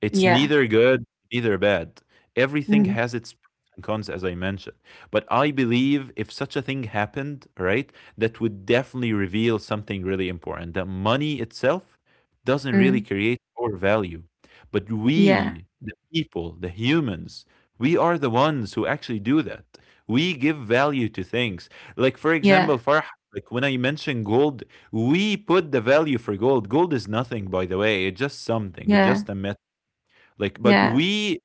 [SPEAKER 2] It's
[SPEAKER 1] yeah.
[SPEAKER 2] neither good, neither are bad. Everything
[SPEAKER 1] Mm.
[SPEAKER 2] has its pros and cons, as I mentioned. But I believe if such a thing happened, right, that would definitely reveal something really important, that money itself doesn't really
[SPEAKER 1] Mm.
[SPEAKER 2] create or value. But
[SPEAKER 1] Yeah,
[SPEAKER 2] we, the people, the humans, we are the ones who actually do that. We give value to things. Like, for example,
[SPEAKER 1] yeah,
[SPEAKER 2] Farah, like, when I mentioned gold, we put the value for gold. Gold is nothing, by the way. It's just something. It's
[SPEAKER 1] yeah,
[SPEAKER 2] just a metal. Like, but
[SPEAKER 1] yeah,
[SPEAKER 2] we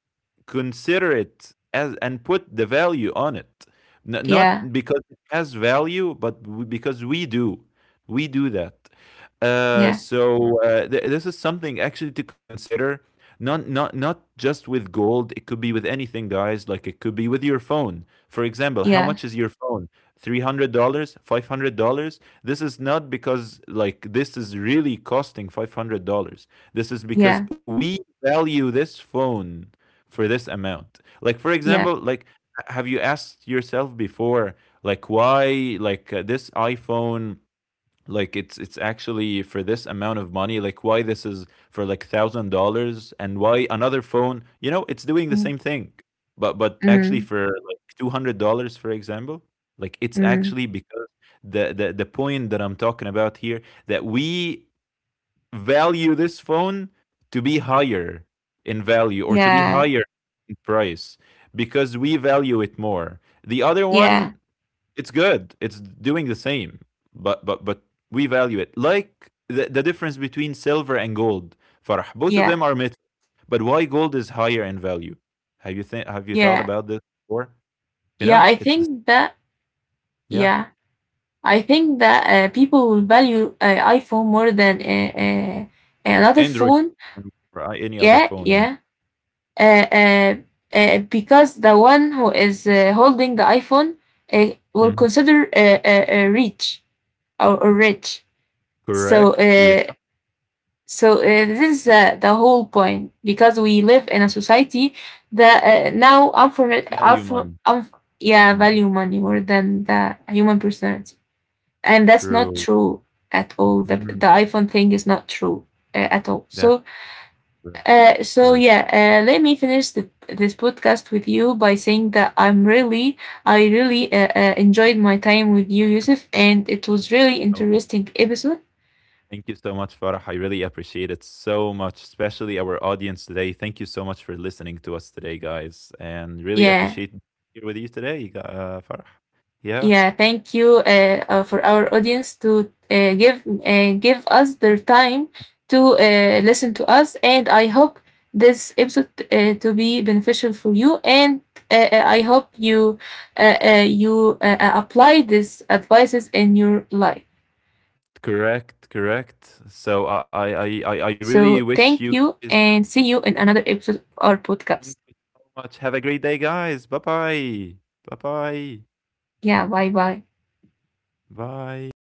[SPEAKER 2] consider it as and put the value on it. N-
[SPEAKER 1] yeah,
[SPEAKER 2] not because it has value, but w- because we do. We do that. Uh,
[SPEAKER 1] yeah,
[SPEAKER 2] so uh, th- this is something actually to consider. Not not not just with gold. It could be with anything, guys. Like, it could be with your phone, for example. How
[SPEAKER 1] yeah,
[SPEAKER 2] much is your phone? Three hundred dollars, five hundred dollars. This is not because like this is really costing five hundred dollars. This is because
[SPEAKER 1] yeah,
[SPEAKER 2] we value this phone for this amount. Like, for
[SPEAKER 1] yeah.
[SPEAKER 2] example, like, have you asked yourself before like why like, uh, this iPhone, like, it's it's actually for this amount of money, like, why this is for like one thousand dollars, and why another phone, you know, it's doing the
[SPEAKER 1] Mm.
[SPEAKER 2] same thing. But but actually
[SPEAKER 1] Mm.
[SPEAKER 2] for like two hundred dollars, for example, like, it's
[SPEAKER 1] Mm.
[SPEAKER 2] actually because the, the the point that I'm talking about here, that we value this phone to be higher in value, or to be
[SPEAKER 1] Yeah,
[SPEAKER 2] higher in price, because we value it more. The other
[SPEAKER 1] yeah,
[SPEAKER 2] one, it's good. It's doing the same, but but but we value it. Like, the, the difference between silver and gold, Farah. Both of
[SPEAKER 1] yeah,
[SPEAKER 2] them are metal, but why gold is higher in value? Have you think, have you thought
[SPEAKER 1] yeah.
[SPEAKER 2] about this before? You
[SPEAKER 1] Yeah,
[SPEAKER 2] know,
[SPEAKER 1] I
[SPEAKER 2] it's the
[SPEAKER 1] think that,
[SPEAKER 2] yeah.
[SPEAKER 1] yeah. I think that uh, people will value uh, iPhone more than uh, uh, another
[SPEAKER 2] Android
[SPEAKER 1] phone.
[SPEAKER 2] or any other
[SPEAKER 1] Yeah,
[SPEAKER 2] phone, yeah.
[SPEAKER 1] yeah. Uh, uh, uh, because the one who is uh, holding the iPhone uh, will
[SPEAKER 2] Mhm.
[SPEAKER 1] consider uh, uh, uh, rich or, or rich. So,
[SPEAKER 2] Correct.
[SPEAKER 1] uh,
[SPEAKER 2] Yeah.
[SPEAKER 1] so uh, this is uh, the whole point because we live in a society that uh, now unfor-
[SPEAKER 2] Value
[SPEAKER 1] unfor-
[SPEAKER 2] money.
[SPEAKER 1] unf- yeah
[SPEAKER 2] Mm,
[SPEAKER 1] value money more than the human personality. And that's not
[SPEAKER 2] true.
[SPEAKER 1] true at all. The
[SPEAKER 2] Mhm.
[SPEAKER 1] the iPhone thing is not true uh, at all.
[SPEAKER 2] That's
[SPEAKER 1] So
[SPEAKER 2] correct.
[SPEAKER 1] uh, so
[SPEAKER 2] Correct.
[SPEAKER 1] yeah, uh, let me finish the, this podcast with you by saying that I'm really I really uh, uh, enjoyed my time with you, Yusuf, and it was really
[SPEAKER 2] Oh,
[SPEAKER 1] interesting episode.
[SPEAKER 2] thank you so much, Farah. I really appreciate it so much, especially our audience today. Thank you so much for listening to us today, guys, and really
[SPEAKER 1] Yeah.
[SPEAKER 2] appreciate being here with you today, uh, Farah. Yeah,
[SPEAKER 1] Yeah, thank you uh, uh, for our audience to uh, give uh, give us their time to uh, listen to us, and I hope this episode uh, to be beneficial for you, and uh, uh, I hope you uh, uh, you uh, uh, apply these advices in your life. So
[SPEAKER 2] correct,
[SPEAKER 1] thank you,
[SPEAKER 2] correct.
[SPEAKER 1] and
[SPEAKER 2] So
[SPEAKER 1] see you
[SPEAKER 2] I,
[SPEAKER 1] in
[SPEAKER 2] I, I,
[SPEAKER 1] another
[SPEAKER 2] I I
[SPEAKER 1] episode of
[SPEAKER 2] really
[SPEAKER 1] our
[SPEAKER 2] wish you
[SPEAKER 1] podcast.
[SPEAKER 2] guys, thank you so much. Have a great day, guys. Bye bye. Bye bye.
[SPEAKER 1] Yeah, bye bye.
[SPEAKER 2] Bye.